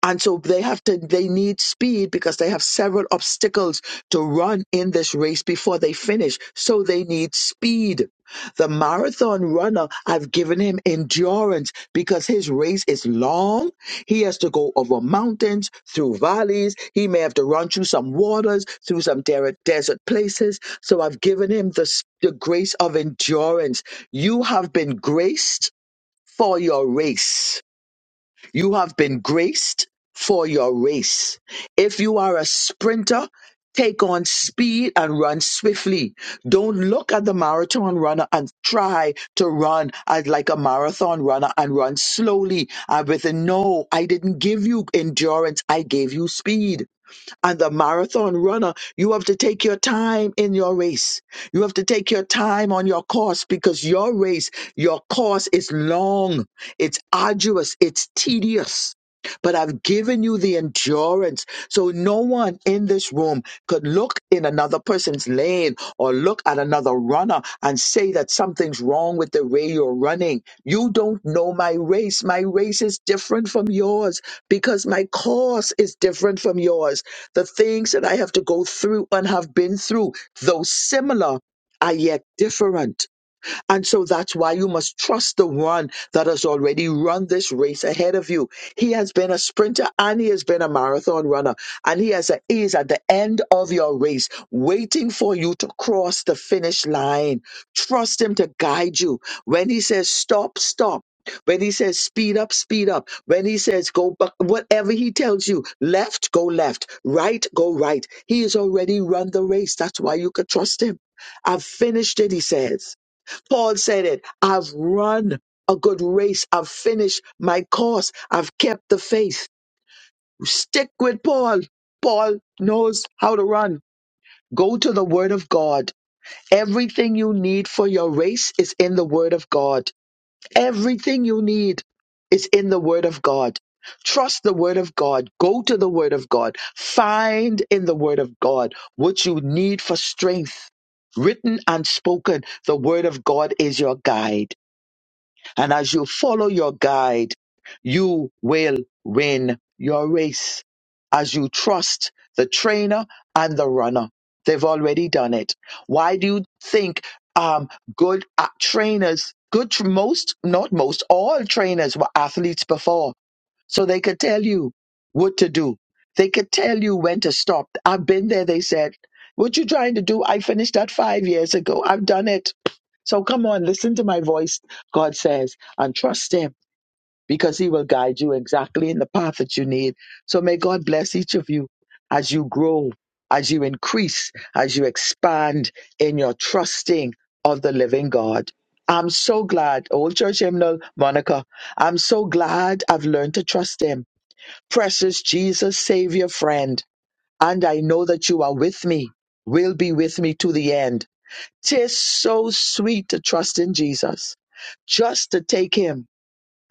S2: and so they have to, they need speed because they have several obstacles to run in this race before they finish. So they need speed. The marathon runner, I've given him endurance because his race is long. He has to go over mountains, through valleys. He may have to run through some waters, through some der- desert places. So I've given him the, s- the grace of endurance. You have been graced for your race. You have been graced for your race. If you are a sprinter, take on speed and run swiftly. Don't look at the marathon runner and try to run as like a marathon runner and run slowly and with a no, I didn't give you endurance, I gave you speed. And the marathon runner, you have to take your time in your race. You have to take your time on your course because your race, your course is long, it's arduous, it's tedious. But I've given you the endurance. So no one in this room could look in another person's lane or look at another runner and say that something's wrong with the way you're running. You don't know my race. My race is different from yours because my course is different from yours. The things that I have to go through and have been through, though similar, are yet different and so that's why you must trust the one that has already run this race ahead of you. He has been a sprinter and he has been a marathon runner. And he, has a, he is at the end of your race, waiting for you to cross the finish line. Trust him to guide you. When he says stop, stop. When he says speed up, speed up. When he says go back, whatever he tells you, left, go left, right, go right. He has already run the race. That's why you can trust him. I've finished it, he says. Paul said it I've run a good race, I've finished my course, I've kept the faith. Stick with Paul. Paul knows how to run. Go to the Word of God. Everything you need for your race is in the Word of God. Everything you need is in the Word of God. Trust the Word of God. Go to the Word of God. Find in the Word of God what you need for strength. Written and spoken, the Word of God is your guide and as you follow your guide, you will win your race. As you trust the trainer and the runner, they've already done it. Why do you think um, good uh, trainers, good tr- most, not most, all trainers were athletes before? so they could tell you what to do. They could tell you when to stop. I've been there, they said. What you trying to do? I finished that five years ago. I've done it. So come on, listen to my voice, God says, and trust Him because He will guide you exactly in the path that you need. So may God bless each of you as you grow, as you increase, as you expand in your trusting of the living God. I'm so glad, Old Church Hymnal, Monica, I'm so glad I've learned to trust Him precious Jesus, Savior, friend, and I know that you are with me, will be with me to the end. 'Tis so sweet to trust in Jesus, just to take him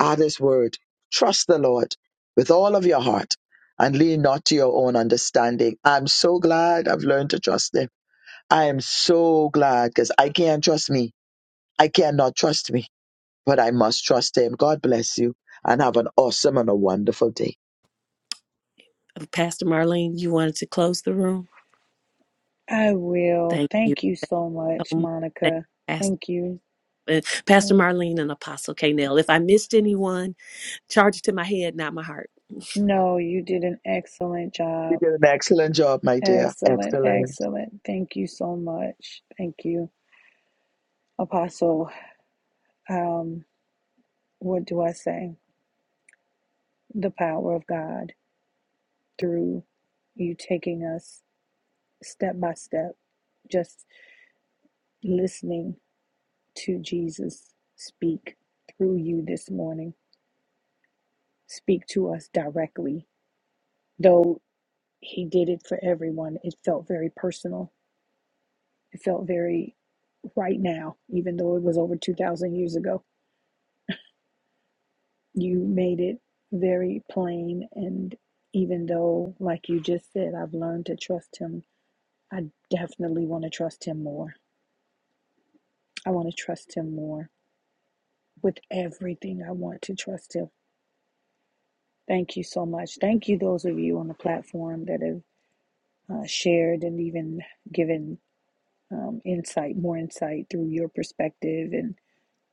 S2: at his word. Trust the Lord with all of your heart and lean not to your own understanding. I'm so glad I've learned to trust him. I am so glad because I can't trust me. I cannot trust me, but I must trust him. God bless you and have an awesome and a wonderful day.
S4: Pastor Marlene, you wanted to close the room.
S1: I will.
S4: Thank you.
S1: Thank you
S4: Thank
S1: so
S4: you
S1: much,
S4: so much. Thank
S1: Monica.
S4: you, Pastor.
S1: Thank you.
S4: and Pastor Marlene and Apostle K. Nell. If I missed anyone, charge it to my head, not my heart.
S1: No, you did an excellent
S2: You
S1: job.
S2: did an excellent job, my dear.
S1: Excellent,
S2: Excellent.
S1: excellent. Thank you so much. Thank you, Apostle. Um, what do I say? The power of God through you, t- step by step, just listening. speak through you this morning. Speak to us directly. Though he did it for everyone, it felt very personal. It felt very right now, even though it was over 2,000 years ago. You made it very plain. And even though, like you just said, I've learned to trust him, I definitely want to trust him more. I want to trust him more with everything. I want to trust him. Thank you so much. Thank you, those of you on the platform that have uh, shared and even given um, insight, more insight through your perspective and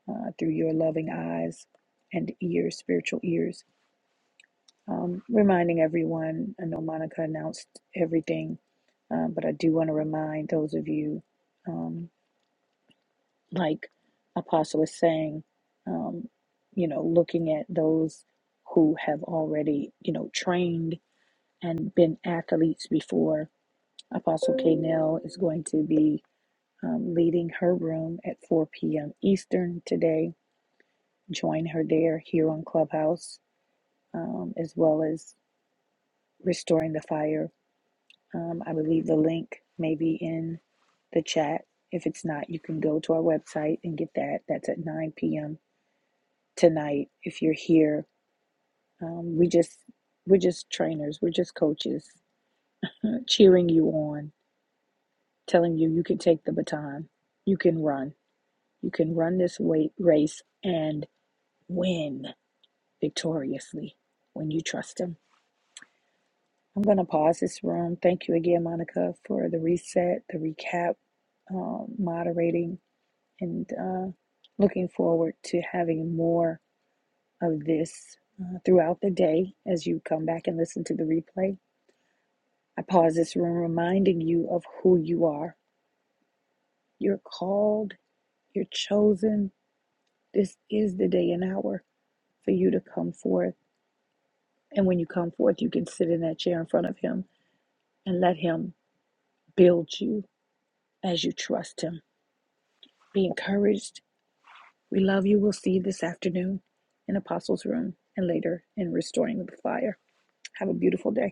S1: uh, through your loving eyes and ears, spiritual ears. Um, reminding everyone, I know Monica announced everything, uh, but I do want to remind those of you, um, like Apostle is saying, um, you know, looking at those who have already, you know, trained and been athletes before. Apostle K. is going to be um, leading her room at 4 p.m. Eastern today. Join her there here on Clubhouse, um, as well as Restoring the Fire. Um, I believe the link may be in the chat. If it's not, you can go to our website and get that. That's at 9 p.m. tonight. If you're here, um, we just we're just trainers. We're just coaches, uh, cheering you on, telling you you can take the baton, you can run, you can run this weight race and win. victoriously when you trust Him. I'm going to pause this room. Thank you again, Monica, for the reset, the recap, um, moderating, and uh, looking forward to having more of this uh, throughout the day as you come back and listen to the replay. I pause this room reminding you of who you are. You're called, you're chosen. This is the day and hour for you to come forth. And when you come forth, you can sit in that chair in front of Him and let Him build you as you trust Him. Be encouraged. We love you. We'll see you this afternoon in Apostles' Room and later in Restoring the Fire. Have a beautiful day.